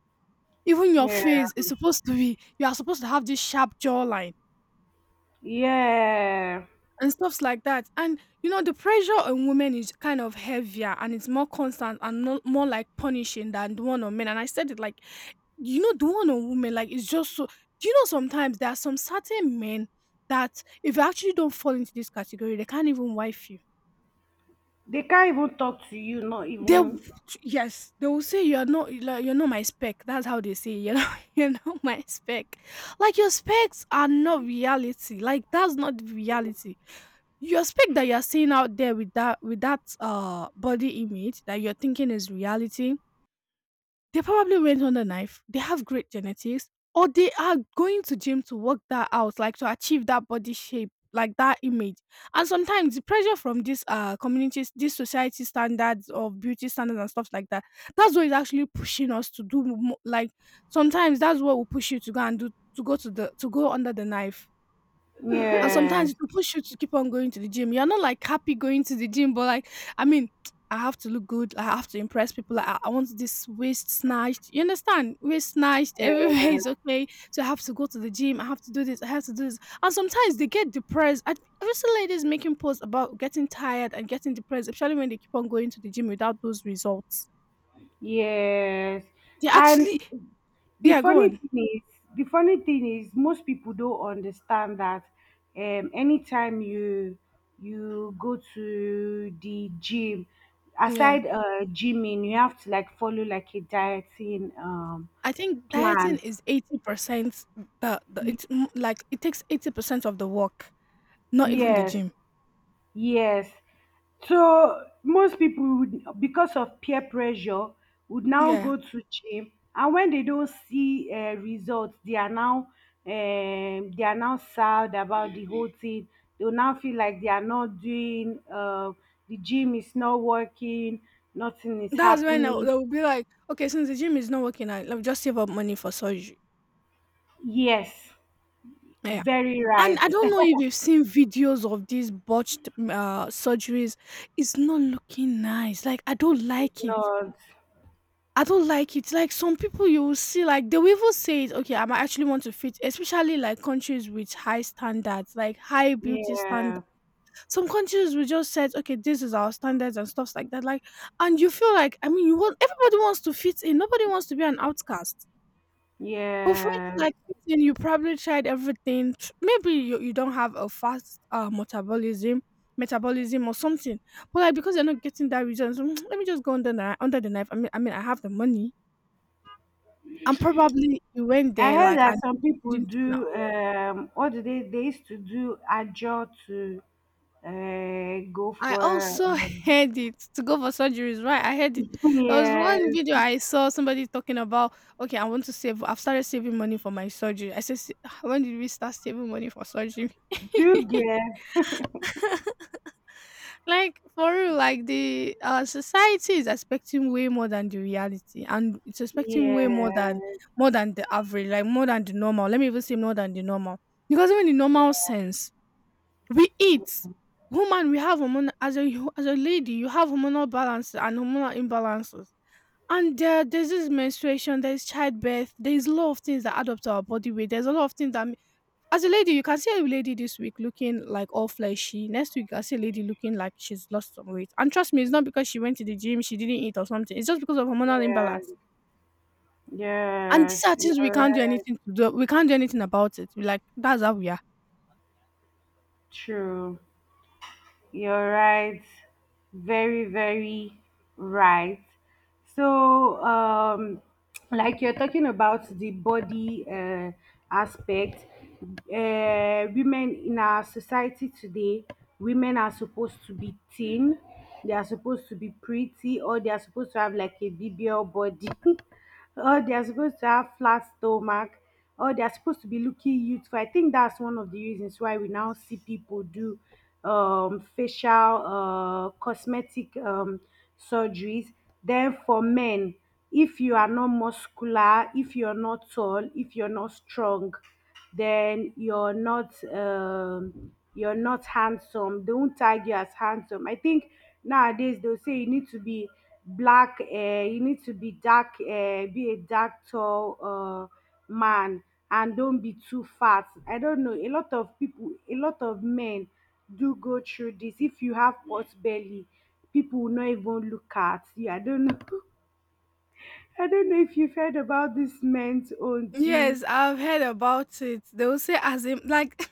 A: Even your
B: yeah,
A: face is supposed to be, you are supposed to have this sharp jawline
B: yeah.
A: and stuffs like that. And you know, the pressure on women is kind of heavier and it's more constant and, no, more like punishing than the one on men. And I said it, like, you know, the one on women, like, it's just so. Do you know sometimes there are some certain men that if you actually don't fall into this category, they can't even wife you.
B: They can't even talk to you, not
A: They, w-
B: even.
A: yes, they will say you're not, like, you're not my spec. That's how they say, you know, you're not my spec. Like, your specs are not reality. Like, that's not the reality. Your spec that you're seeing out there with that, with that body image that you're thinking is reality, they probably went on the knife, they have great genetics, or they are going to gym to work that out, like to achieve that body shape, like that image. And sometimes the pressure from these communities, these society standards of beauty standards and stuff like that, that's what is actually pushing us to do like, sometimes that's what will push you to go and do, to go to the, to go under the knife. And sometimes
B: Yeah,
A: it will push you to keep on going to the gym. You're not like happy going to the gym, but like, I mean, I have to look good. I have to impress people. Like, I want this waist snatched. You understand? Waist snatched.
B: yeah.
A: Everywhere is okay. So I have to go to the gym. I have to do this. I have to do this. And sometimes they get depressed. I, I've seen ladies making posts about getting tired and getting depressed, especially when they keep on going to the gym without those results.
B: Yes.
A: They
B: And
A: actually,
B: the
A: yeah, go
B: funny
A: on.
B: thing is, most people don't understand that. Anytime you go to the gym,
A: Yeah.
B: aside gymming, you have to like follow like a dieting
A: I think dieting
B: plan.
A: is 80%, the,
B: Y-
A: like, it takes 80% of the work. Not even the
B: Yes.
A: gym.
B: Yes. So most people would, because of peer pressure, would now
A: Yeah.
B: go to gym, and when they don't see results, they are now sad about the whole thing. They will now feel like they are not doing. The gym is not working. Nothing is
A: That's when I would,
B: happening.
A: I would be like, "Okay, since the gym is not working, I'll just save up money for surgery."
B: Yes,
A: Yeah.
B: very
A: And
B: right.
A: I don't know if you've seen videos of these botched, surgeries. It's not looking nice. Like, I don't like it.
B: Not.
A: I don't like it. Like, some people you will see, like, they will even say it, "Okay, I might actually want to fit," especially, like, countries with high standards, like, high beauty standards.
B: Yeah.
A: Some countries will just said, okay, this is our standards and stuffs like that. Like, and you feel like, I mean, you want, everybody wants to fit in. Nobody wants to be an outcast. But for it to,
B: Yeah.
A: like, fit in, you probably tried everything. Tr- Maybe you don't have a fast, metabolism, metabolism or something. But like, because you're not getting that reason, so, "Mm, let me just go under the, under the knife. I mean, I have the money, and probably you went
B: I
A: there
B: heard
A: like
B: that
A: and
B: some people
A: didn't turn.
B: do what do they used to do ajo to go
A: I
B: for
A: also
B: um,
A: heard it, to go for surgeries, right? I heard it. There was one
B: yes,
A: video I saw somebody talking about, okay, I want to save. I've started saving money for my surgery. I said, "Se- when did we start saving money for surgery?"
B: do guess
A: Like, for real, like, the society is expecting way more than the reality, and it's expecting way more than,
B: yes,
A: more than the average, like, more than the normal. Let me even say more than the normal, because even the normal sense, we eat. Woman, we have hormonal, as a lady, you have hormonal balances and hormonal imbalances. And there's this menstruation, there's childbirth, there's a lot of things that add up to our body weight. There's a lot of things that, ma- as a lady, you can see a lady this week looking like all fleshy. Next week, you can see a lady looking like she's lost some weight. And trust me, it's not because she went to the gym, she didn't eat or something. It's just because of hormonal
B: yes,
A: imbalance. And
B: yeah,
A: these
B: yes,
A: are
B: you're
A: things we can't do
B: right,
A: anything to do. We can't do anything about it. We like, that's how we are.
B: true. You're right. Very, very right. So, like you're talking about the body aspect, women in our society today, women are supposed to be thin, they are supposed to be pretty, or they are supposed to have like a BBL body. Oh, they're supposed to have flat stomach. Oh, they're supposed to be looking youthful. I think that's one of the reasons why we now see people do facial cosmetic surgeries. Then for men, if you are not muscular, if you're not tall, if you're not strong, then you're not handsome. They won't tag you as handsome. I think nowadays they'll say you need to be dark hair, be a dark, tall, man, and don't be too fat. I don't know, a lot of people, a lot of men do go through this. If you have pot belly, people will not even look at you. I don't know. I don't know if you've heard about this men's own too.
A: Yes, I've heard about it. They will say, as in, like,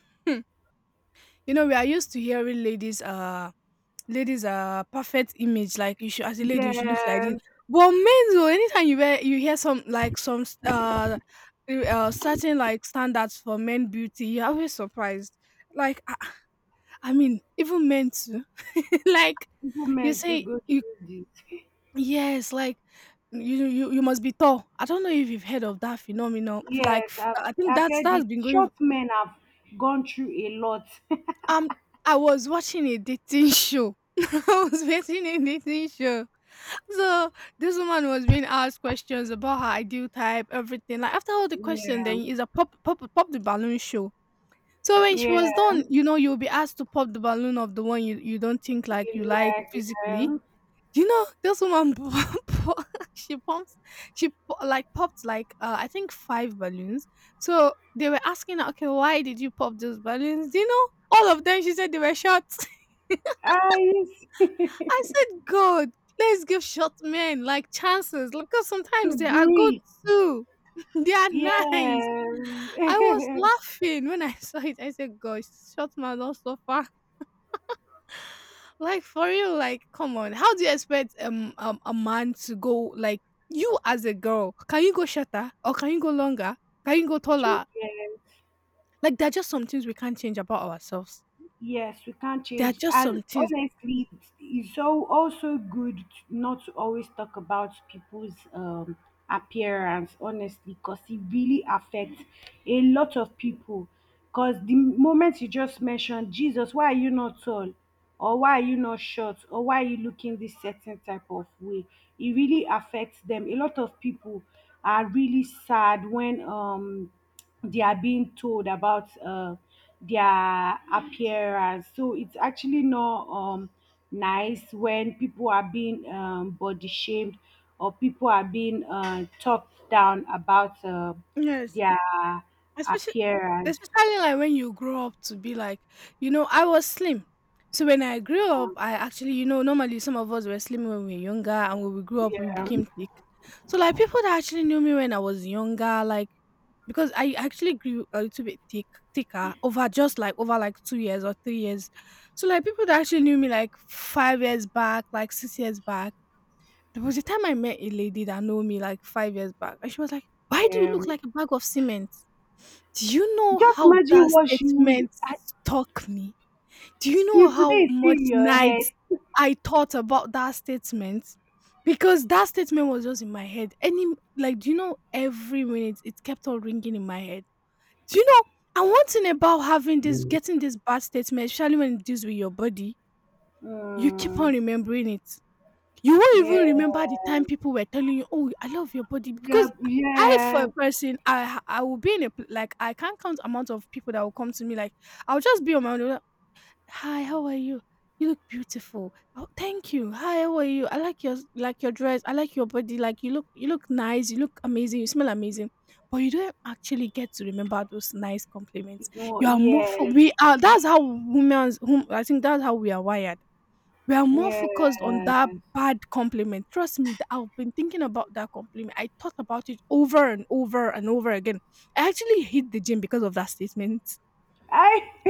A: you know, we are used to hearing ladies, ladies are perfect image, like, you should, as a lady you should look like this.
B: Yes,
A: But men though, anytime you hear, you hear some, like, some certain, like, standards for men beauty, you're always surprised. Like, I mean, even men too. Like,
B: people,
A: you
B: men to
A: say
B: go
A: you,
B: through this.
A: yes, like, you, you must be tall. I don't know if you've heard of that phenomenon. Like,
B: Yes,
A: f-
B: i've
A: I think
B: i've
A: that's
B: heard
A: that's
B: it.
A: been going.
B: Short men have gone through a lot.
A: Um, I was watching a dating show. I was watching a dating show. So this woman was being asked questions about her ideal type, everything. Like, after all the question,
B: Yeah,
A: then is a pop, pop, pop the balloon show. So when she was
B: yeah.
A: done, you know, you'll be asked to pop the balloon of the one you, you don't think like you like
B: Relax,
A: physically.
B: yeah.
A: You know, this woman, po- she pumps, like popped, like, I think five balloons. So they were asking her, okay, why did you pop those balloons? Do you know all of them? She said they were shots.
B: Eyes.
A: I said, God, let's give short men like chances because
B: To
A: sometimes they are good
B: breathe.
A: too. They are
B: Yes.
A: nice. I was laughing when I saw it. I said, "Gosh, short man, not so far." Like, for real, like, come on. How do you expect a man to go, like, you as a girl? Can you go shorter or can you go longer? Can you go
B: True,
A: taller?
B: yes.
A: Like, there are just some things we can't change about ourselves.
B: Yes, we can't
A: There are
B: change.
A: just some
B: And
A: things.
B: honestly, it's so also good to- not to always talk about people's appearance, honestly, because it really affects a lot of people. Because the moment you just mentioned Jesus, why are you not tall? Or why are you not short, or why are you looking this certain type of way, it really affects them. A lot of people are really sad when they are being told about their appearance. So it's actually not nice when people are being body shamed or people are being talked down about
A: Yes.
B: their
A: Especially,
B: appearance.
A: especially like when you grow up to be like, you know, I was slim. So when I grew up, I actually, you know, normally some of us were slim when we were younger and when we grew up we
B: Yeah,
A: became thick. So like, people that actually knew me when I was younger, like, because I actually grew a little bit thick, thicker over just like over like 2 years or 3 years. So like, people that actually knew me like 5 years back, like 6 years back. There was a time I met a lady that knew me like 5 years back and she was like, "Why do you look
B: um,
A: like a bag of cement?" Do you know
B: just
A: how
B: imagine
A: that
B: what you
A: statement
B: I.
A: stuck me? Do you
B: Till
A: know
B: today
A: how
B: it's still
A: much
B: in your head.
A: nights I thought about that statement? Because that statement was just in my head. Any like, do you know every minute it kept on ringing in my head? Do you know? And one thing about having this, getting this bad statement, especially when it deals with your body, you keep
B: Mm,
A: on remembering it. You won't even remember the time
B: yes.
A: people were telling you, "Oh, I love your body,"
B: Yeah,
A: because I for a
B: yes.
A: person, I will be in a like I can't count amount of people that will come to me. Like I'll just be on my own. They'll be like, hi, how are you? You look beautiful. Oh, thank you. Hi, how are you? I like your dress. I like your body. Like you look nice. You look amazing. You smell amazing. But you don't actually get to remember those nice compliments. You are more for
B: Yes.
A: we are. That's how women, whom I think that's how we are wired, we are more focused on that
B: Yes.
A: bad compliment. Trust me, I've been thinking about that compliment. I thought about it over and over and over again. I actually hit the gym because of that statement.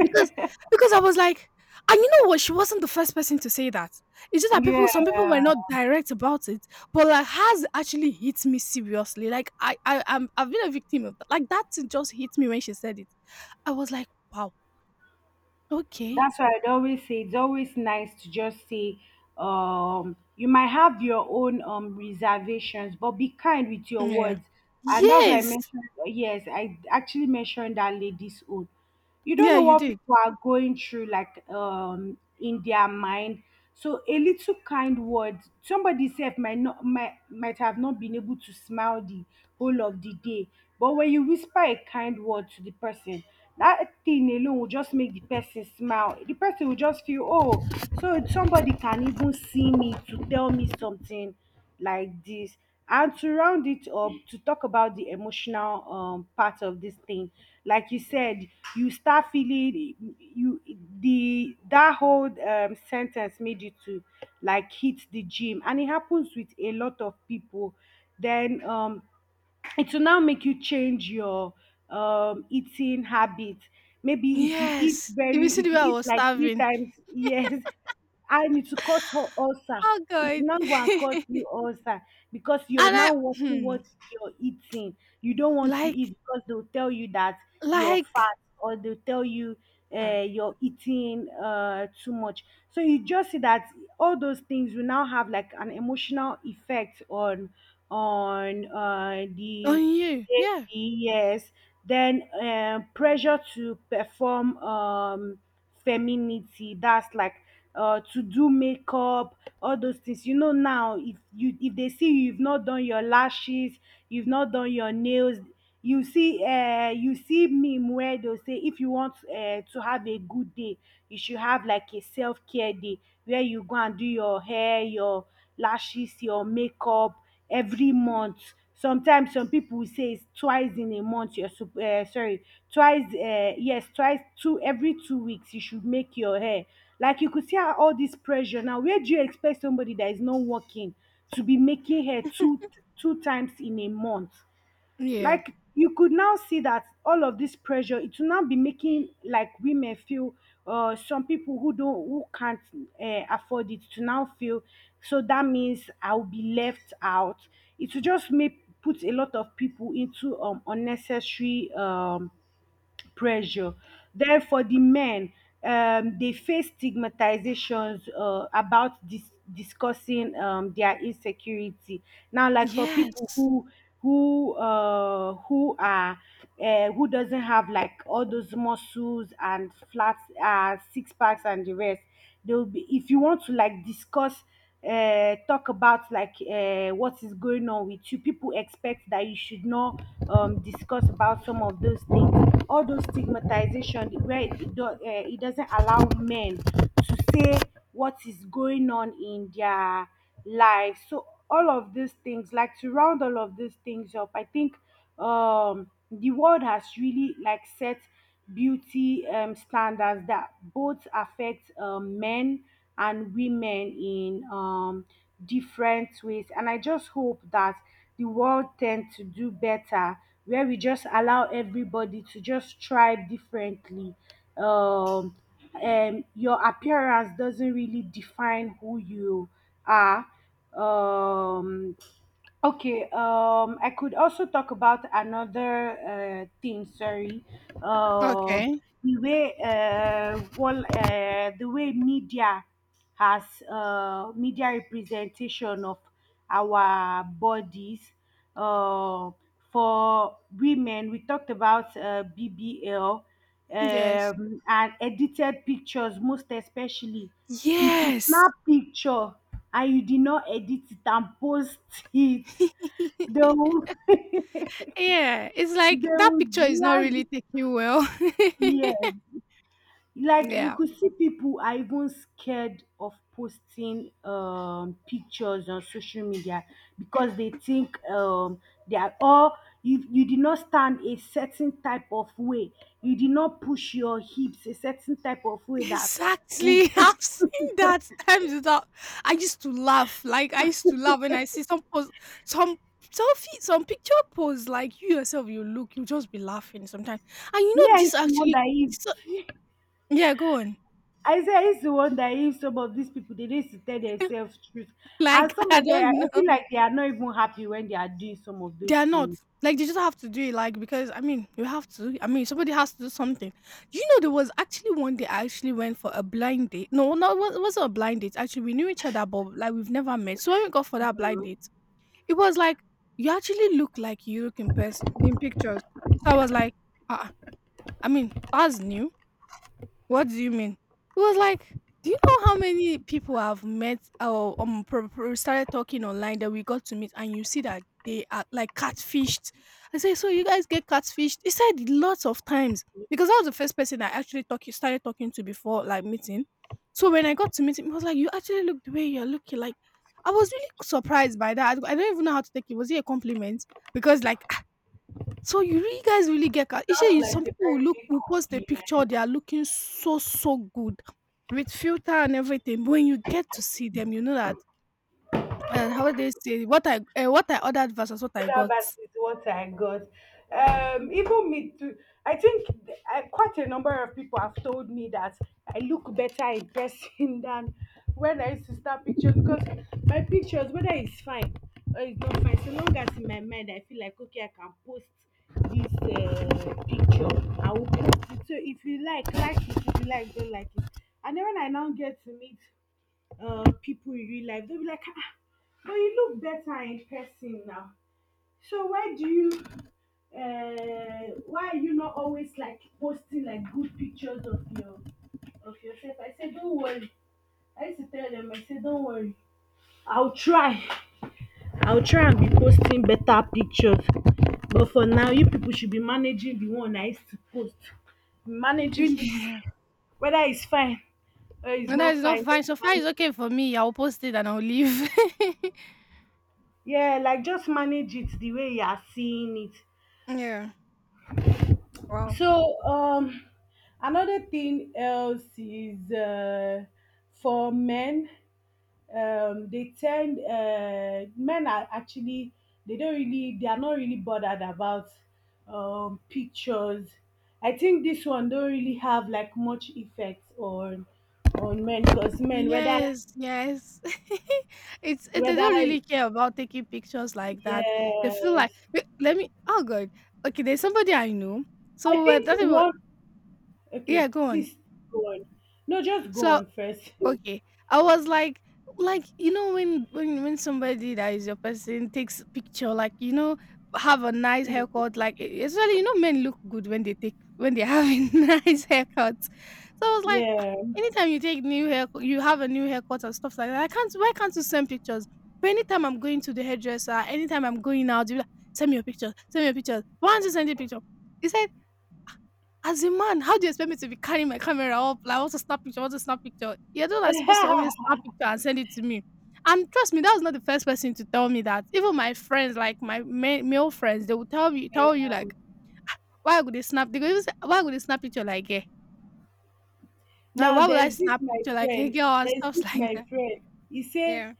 A: Because because I was like, and you know what? She wasn't the first person to say that. It's just that people, some people were
B: Yeah.
A: not direct about it, but like has actually hit me seriously. Like I've been a victim of that. Like that thing just hit me when she said it. I was like, wow, okay,
B: That's why I'd always say it's always nice to just say, you might have your own reservations, but be kind with your
A: yeah,
B: words. And that's why I
A: yes,
B: mentioned, yes, I actually mentioned that lady's own. You don't
A: yeah,
B: know
A: you
B: what
A: did.
B: people are going through, like in their mind. So a little kind word, somebody said might not, might have not been able to smile the whole of the day. But when you whisper a kind word to the person, that thing alone will just make the person smile. The person will just feel, oh, so somebody can even see me to tell me something like this. And to round it up, to talk about the emotional part of this thing, like you said, you start feeling you the, that whole sentence made you to like hit the gym, and it happens with a lot of people. Then it will now make you change your eating habit. Maybe if you eat
A: Yes. If you
B: very,
A: see the
B: if
A: way
B: you
A: I
B: eat
A: was
B: like three
A: starving.
B: times yes, and it will cause her ulcer
A: Oh
B: it
A: God.
B: will now go and cause
A: And
B: you ulcer, because you're
A: I
B: now watching
A: hmm,
B: what you're eating. You don't want to eat
A: like
B: because they'll tell you that you're
A: like
B: fat, or they'll tell you
A: hmm,
B: you're eating too much. So you just see that all those things will now have like an emotional effect on on
A: on
B: the.
A: you. Yeah.
B: Yes, then pressure to perform femininity. That's like to do makeup, all those things. You know now, if you if they see you, you've not done your lashes, you've not done your nails, you see meme where they'll say if you want to have a good day, you should have like a self care day where you go and do your hair, your lashes, your makeup every month. Sometimes some people will say it's twice in a month. You're sup- sorry, twice. Yes, twice, two every two weeks. You should make your hair. Like you could see how all this pressure. Now, where do you expect somebody that is not working to be making hair two two times in a month?
A: Yeah.
B: Like you could now see that all of this pressure, it will now be making like women feel some people who don't, who can't afford it, to now feel so, that means I'll be left out. It will just make, put a lot of people into unnecessary pressure. Therefore, the men, they face stigmatizations about dis- discussing their insecurity. Now, like for people
A: Yes.
B: who, who are who doesn't have like all those muscles and flat six packs and the rest, they will be. If you want to like discuss talk about like what is going on with you, people expect that you should not discuss about some of those things. All those stigmatization where it, do, it doesn't allow men to say what is going on in their life. So all of these things, like to round all of these things up, I think the world has really like set beauty standards that both affect men and women in different ways. And I just hope that the world tends to do better, where we just allow everybody to just thrive differently. Um, your appearance doesn't really define who you are. Um, Okay, I could also talk about another thing. Sorry, uh,
A: Okay.
B: the way media has, media representation of our bodies. Uh, for women, we talked about BBL,
A: Yes.
B: and edited pictures, most especially if you
A: Yes.
B: snap picture and you did not edit it and post it, they will they
A: Yeah. It's like that
B: will
A: picture is not really
B: drag.
A: taking you well.
B: Yes, like you
A: Yeah.
B: could see people are even scared of posting pictures on social media because they think they are, or you did not stand a certain type of way, you did not push your hips a certain type of way that would-
A: Exactly. I've seen that times without. I used to laugh. Like I used to laugh when I see some post, some selfie, some picture posts. Like you yourself, you look, you just be laughing sometimes. And you
B: me
A: know
B: I
A: this
B: used to
A: actually.
B: wonder if
A: So, yeah, go on.
B: I say I used to wonder if some of these people they need to tell themselves truth. And
A: Like
B: some
A: I
B: of them,
A: don't
B: I
A: know.
B: feel like they are not even happy when they are doing some of
A: They
B: those
A: are not.
B: things.
A: Like they just have to do it. Like because I mean, you have to. I mean, somebody has to do something. You know, there was actually one day I actually went for a blind date. No, no, it wasn't a blind date. Actually, we knew each other, but like we've never met. So when we got for that blind date. It was like, "You actually look like you look in person in pictures." So I was like, "Ah, I mean, that's new." What do you mean? It was like, do you know how many people I've met or started talking online that we got to meet, and you see that they are like catfished. I say, so you guys get catfished? He said lots of times because I was the first person I actually talk started talking to before like meeting. So when I got to meet him, he was like, you actually look the way you're looking. Like I was really surprised by that. I don't even know how to take it. Was it a compliment? Because like so you really guys really get ca shey
B: Sounds
A: you
B: like
A: some
B: a
A: people will
B: very
A: look
B: big
A: will post a picture they
B: compliment.
A: are looking so, so good with filter and everything, but when you get to see them, you know that and how they say, what I eh, what I ordered versus what I
B: That
A: got.
B: basket is what I got. Even me too. I think th- quite a number of people have told me that I look better in person than when I used to start pictures, because my pictures, whether it's fine or it's not fine, so long as in my mind I feel like okay, I can post this picture, I will post it. So if you like it. If you like, don't like it. And then when I now get to meet people in real life, they'll be like, ah, but you look better in person now, so why do you why are you not always like posting like good pictures of your of yourself? I said, don't worry. I used to tell them, I said, don't worry. I'll try. I'll try and be posting better pictures. But for now, you people should be managing the one I used to post. Managing the,
A: Yeah.
B: whether it's fine or it's
A: And that
B: not
A: is not
B: fine,
A: fine.
B: just
A: So far it's
B: manage it.
A: okay for me. I will post it and I'll leave.
B: Yeah, like just manage it the way you are seeing it.
A: Yeah. Wow.
B: So um, another thing else is for men, they tend, men are actually, they are not really bothered about pictures. I think this one don't really have like much effect on men because men, whether
A: Yes, yes. It's eh, they don't
B: whether
A: really care about taking pictures like that. They feel like
B: yes.
A: wait, let me oh God. Okay, there's somebody I know.
B: I
A: So,
B: think
A: that
B: one,
A: yeah,
B: okay
A: go on.
B: please go on, no just go
A: So
B: on first.
A: okay, I was like you know when somebody that is your person takes picture, like you know have a nice haircut, especially you know men look good when they take when they have a nice haircut. So I was like, "Ah,
B: Yeah.
A: anytime you take new hair, you have a new haircut and stuff like that. I can't. Why can't you send pictures? But anytime I'm going to the hairdresser, anytime I'm going out, you like, send me your pictures, send me your pictures. Why don't you send the picture? He said as a man, how do you expect me to be carrying my camera up? Like, I want to snap picture, I want to snap picture. You're the one that's supposed to always snap picture and send it to me. And trust me, that was not the first person to tell me that. Even my friends, like my male friends, they will tell me, tell
B: Yeah.
A: you like, why would they snap? They go, even say, why would they snap picture like, yeah? Like,
B: Now
A: why would I
B: there's this
A: snap
B: my
A: picture like, hey
B: friend.
A: girl, and stuff like that?
B: He say
A: Yeah.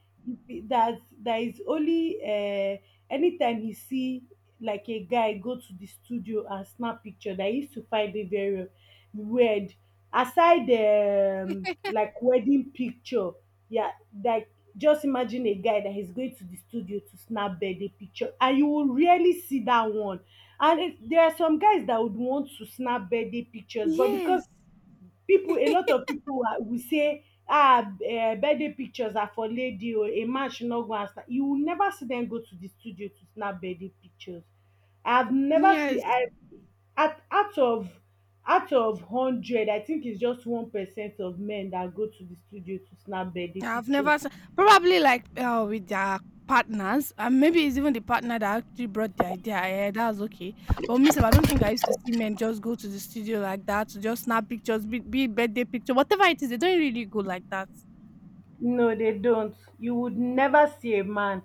B: that there is only anytime he see like a guy go to the studio and snap picture, that he used to find it very weird. Aside like wedding picture, yeah, like, just imagine a guy that is going to the studio to snap birthday picture, and you will rarely see that one. There are some guys that would want to snap birthday pictures, but because
A: Yes,
B: people, a lot of people will say, birthday pictures are for lady, or a man should not go and snap. You will never see them go to the studio to snap birthday pictures. I've never
A: yes.
B: seen I at out of hundred, I think it's just 1% of men that go to the studio to snap birthday
A: Yeah, I've never
B: pictures.
A: s probably, like, with their partners, and maybe it's even the partner that actually brought the idea yeah, that's okay. But miss, I don't think I used to see men just go to the studio like that to just snap pictures, be it birthday picture, whatever it is, they don't really go like that.
B: No, they don't. You would never see a man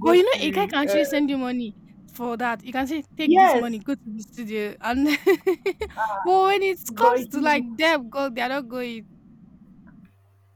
A: But, you know, a guy
B: to
A: can actually send you money for that. You can say, "Take this money,
B: yes,
A: go to the studio," and but when it comes
B: but
A: to, like,
B: you,
A: them, go they are not going.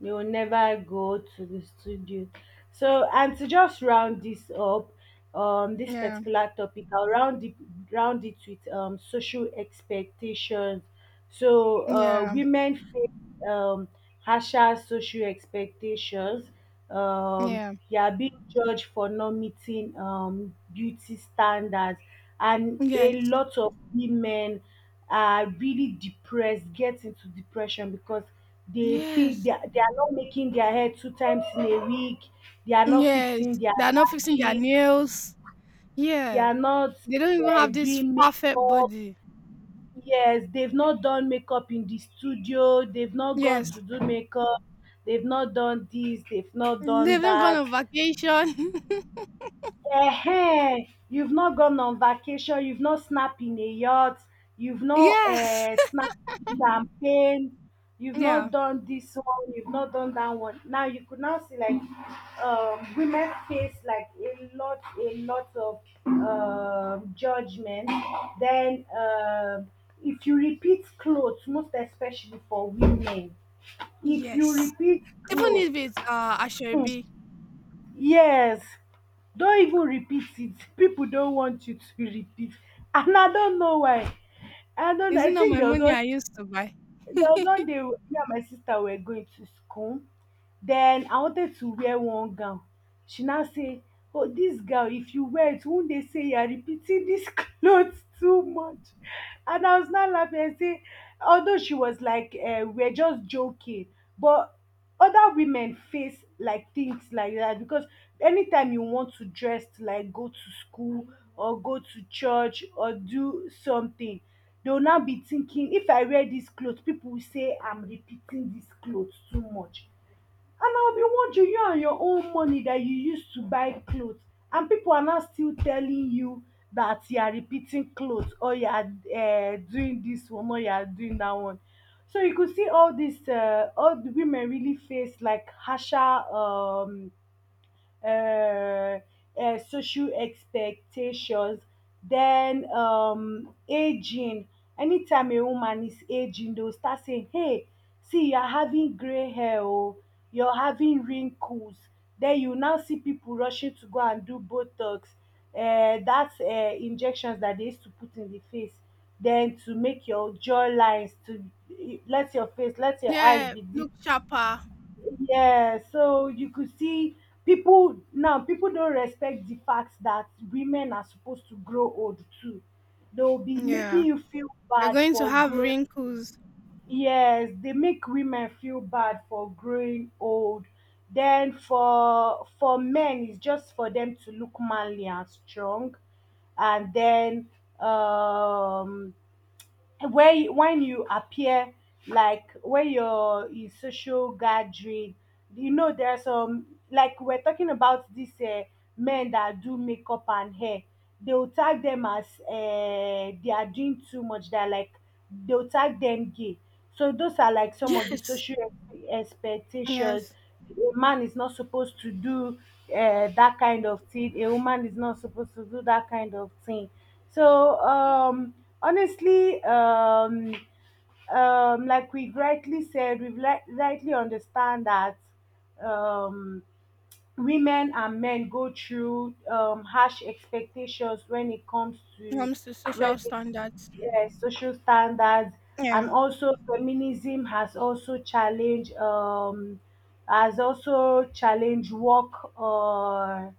B: they will never go to the studio. So, and to just round this up, this
A: Yeah,
B: particular topic, I'll round it with social expectations. So,
A: yeah,
B: women face harsher social expectations. Um,
A: yeah.
B: they are being judged for not meeting beauty standards, and a
A: Yes,
B: lot of women are really depressed, get into depression because
A: yes,
B: they are not making their hair two times in a week, they are not
A: yes.
B: fixing their
A: They are not fixing their
B: lashes,
A: nails.
B: they
A: Yeah,
B: are not
A: they don't even have this
B: doing
A: perfect
B: makeup.
A: body.
B: Yes, they've not done makeup in the studio, they've not gone to
A: Yes,
B: do makeup, they've not done this, they've not done
A: they've even gone
B: that.
A: on vacation.
B: Ehen, you've not gone on vacation, you've not snapped in a yacht, you've not
A: Yes,
B: snapped champagne, you've not
A: yeah,
B: done this one, you've not done that one. Now you could now see like women face like a lot of judgment. Then if you repeat clothes, most especially for women, if you
A: yes.
B: repeat
A: Even if
B: clothes.
A: it's
B: Hmm,
A: Ashebi,
B: yes, don't even repeat it. People don't want you to repeat, and I don't know why. I don't know.
A: is it
B: I
A: not
B: think
A: my
B: there was
A: money
B: one.
A: I used to buy?
B: There was one day me and my sister were going to school. Then I wanted to wear one gown. She now say, "Oh, this gown, if you wear it, won't they say you are repeating this clothes too much?" And I was now laughing and say, although she was like, we're just joking, but other women face like things like that because anytime you want to dress to like go to school or go to church or do something, they'll now be thinking, if I wear this clothes, people will say I'm repeating this clothes too much, and I will be watching you and your own money that you used to buy clothes, and people are now still telling you that you are repeating clothes, or you are doing this one or you are doing that one. So you could see all these all the women really face like harsher um uh, social expectations. Then aging. Anytime a woman is aging, they'll start saying, "Hey, see, you're having gray hair, oh, you're having wrinkles." Then you now see people rushing to go and do Botox. That's injections that they used to put in the face. Then to make your jawlines to, let your face, let your eyes
A: Yeah,
B: be this,
A: look sharper.
B: yeah. So you could see people now, people don't respect the fact that women are supposed to grow old too. They'll be making
A: Yeah,
B: you feel
A: you're
B: bad
A: going to
B: for
A: have
B: growing.
A: wrinkles.
B: Yes, they make women feel bad for growing old. Then for men, it's just for them to look manly and strong. And then um where when you appear like where your social gathering, you know there are some, like we're talking about these men that do makeup and hair, they will tag them as they are doing too much, they're like, they'll tag them gay. So those are like some of the
A: Yes,
B: social expectations.
A: yes.
B: A man is not supposed to do that kind of thing, a woman is not supposed to do that kind of thing. So honestly, like we rightly said, we've rightly understand that um, women and men go through harsh expectations when it comes
A: When it
B: to
A: comes to social
B: wedding,
A: standards.
B: yeah, social standards,
A: Yeah,
B: and also feminism has also challenged work. Uh,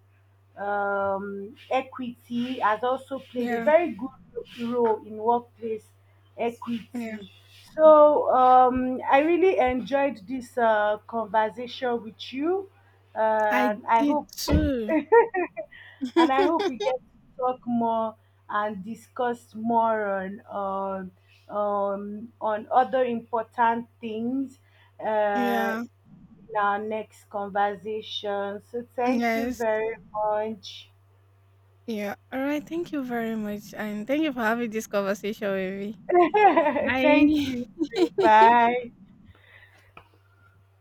B: um, Equity has also played a
A: yeah,
B: very good role in workplace
A: yeah.
B: equity. So I really enjoyed this conversation with you,
A: I
B: and I
A: did
B: hope
A: too.
B: and I hope we get to talk more and discuss more on on other important things, uh,
A: Yeah,
B: in our next conversation. So thank you
A: yes.
B: very much.
A: Yeah. All right. Thank you very much. And thank you for having this conversation with
B: Thank
A: me.
B: you.
A: Bye.
B: Bye.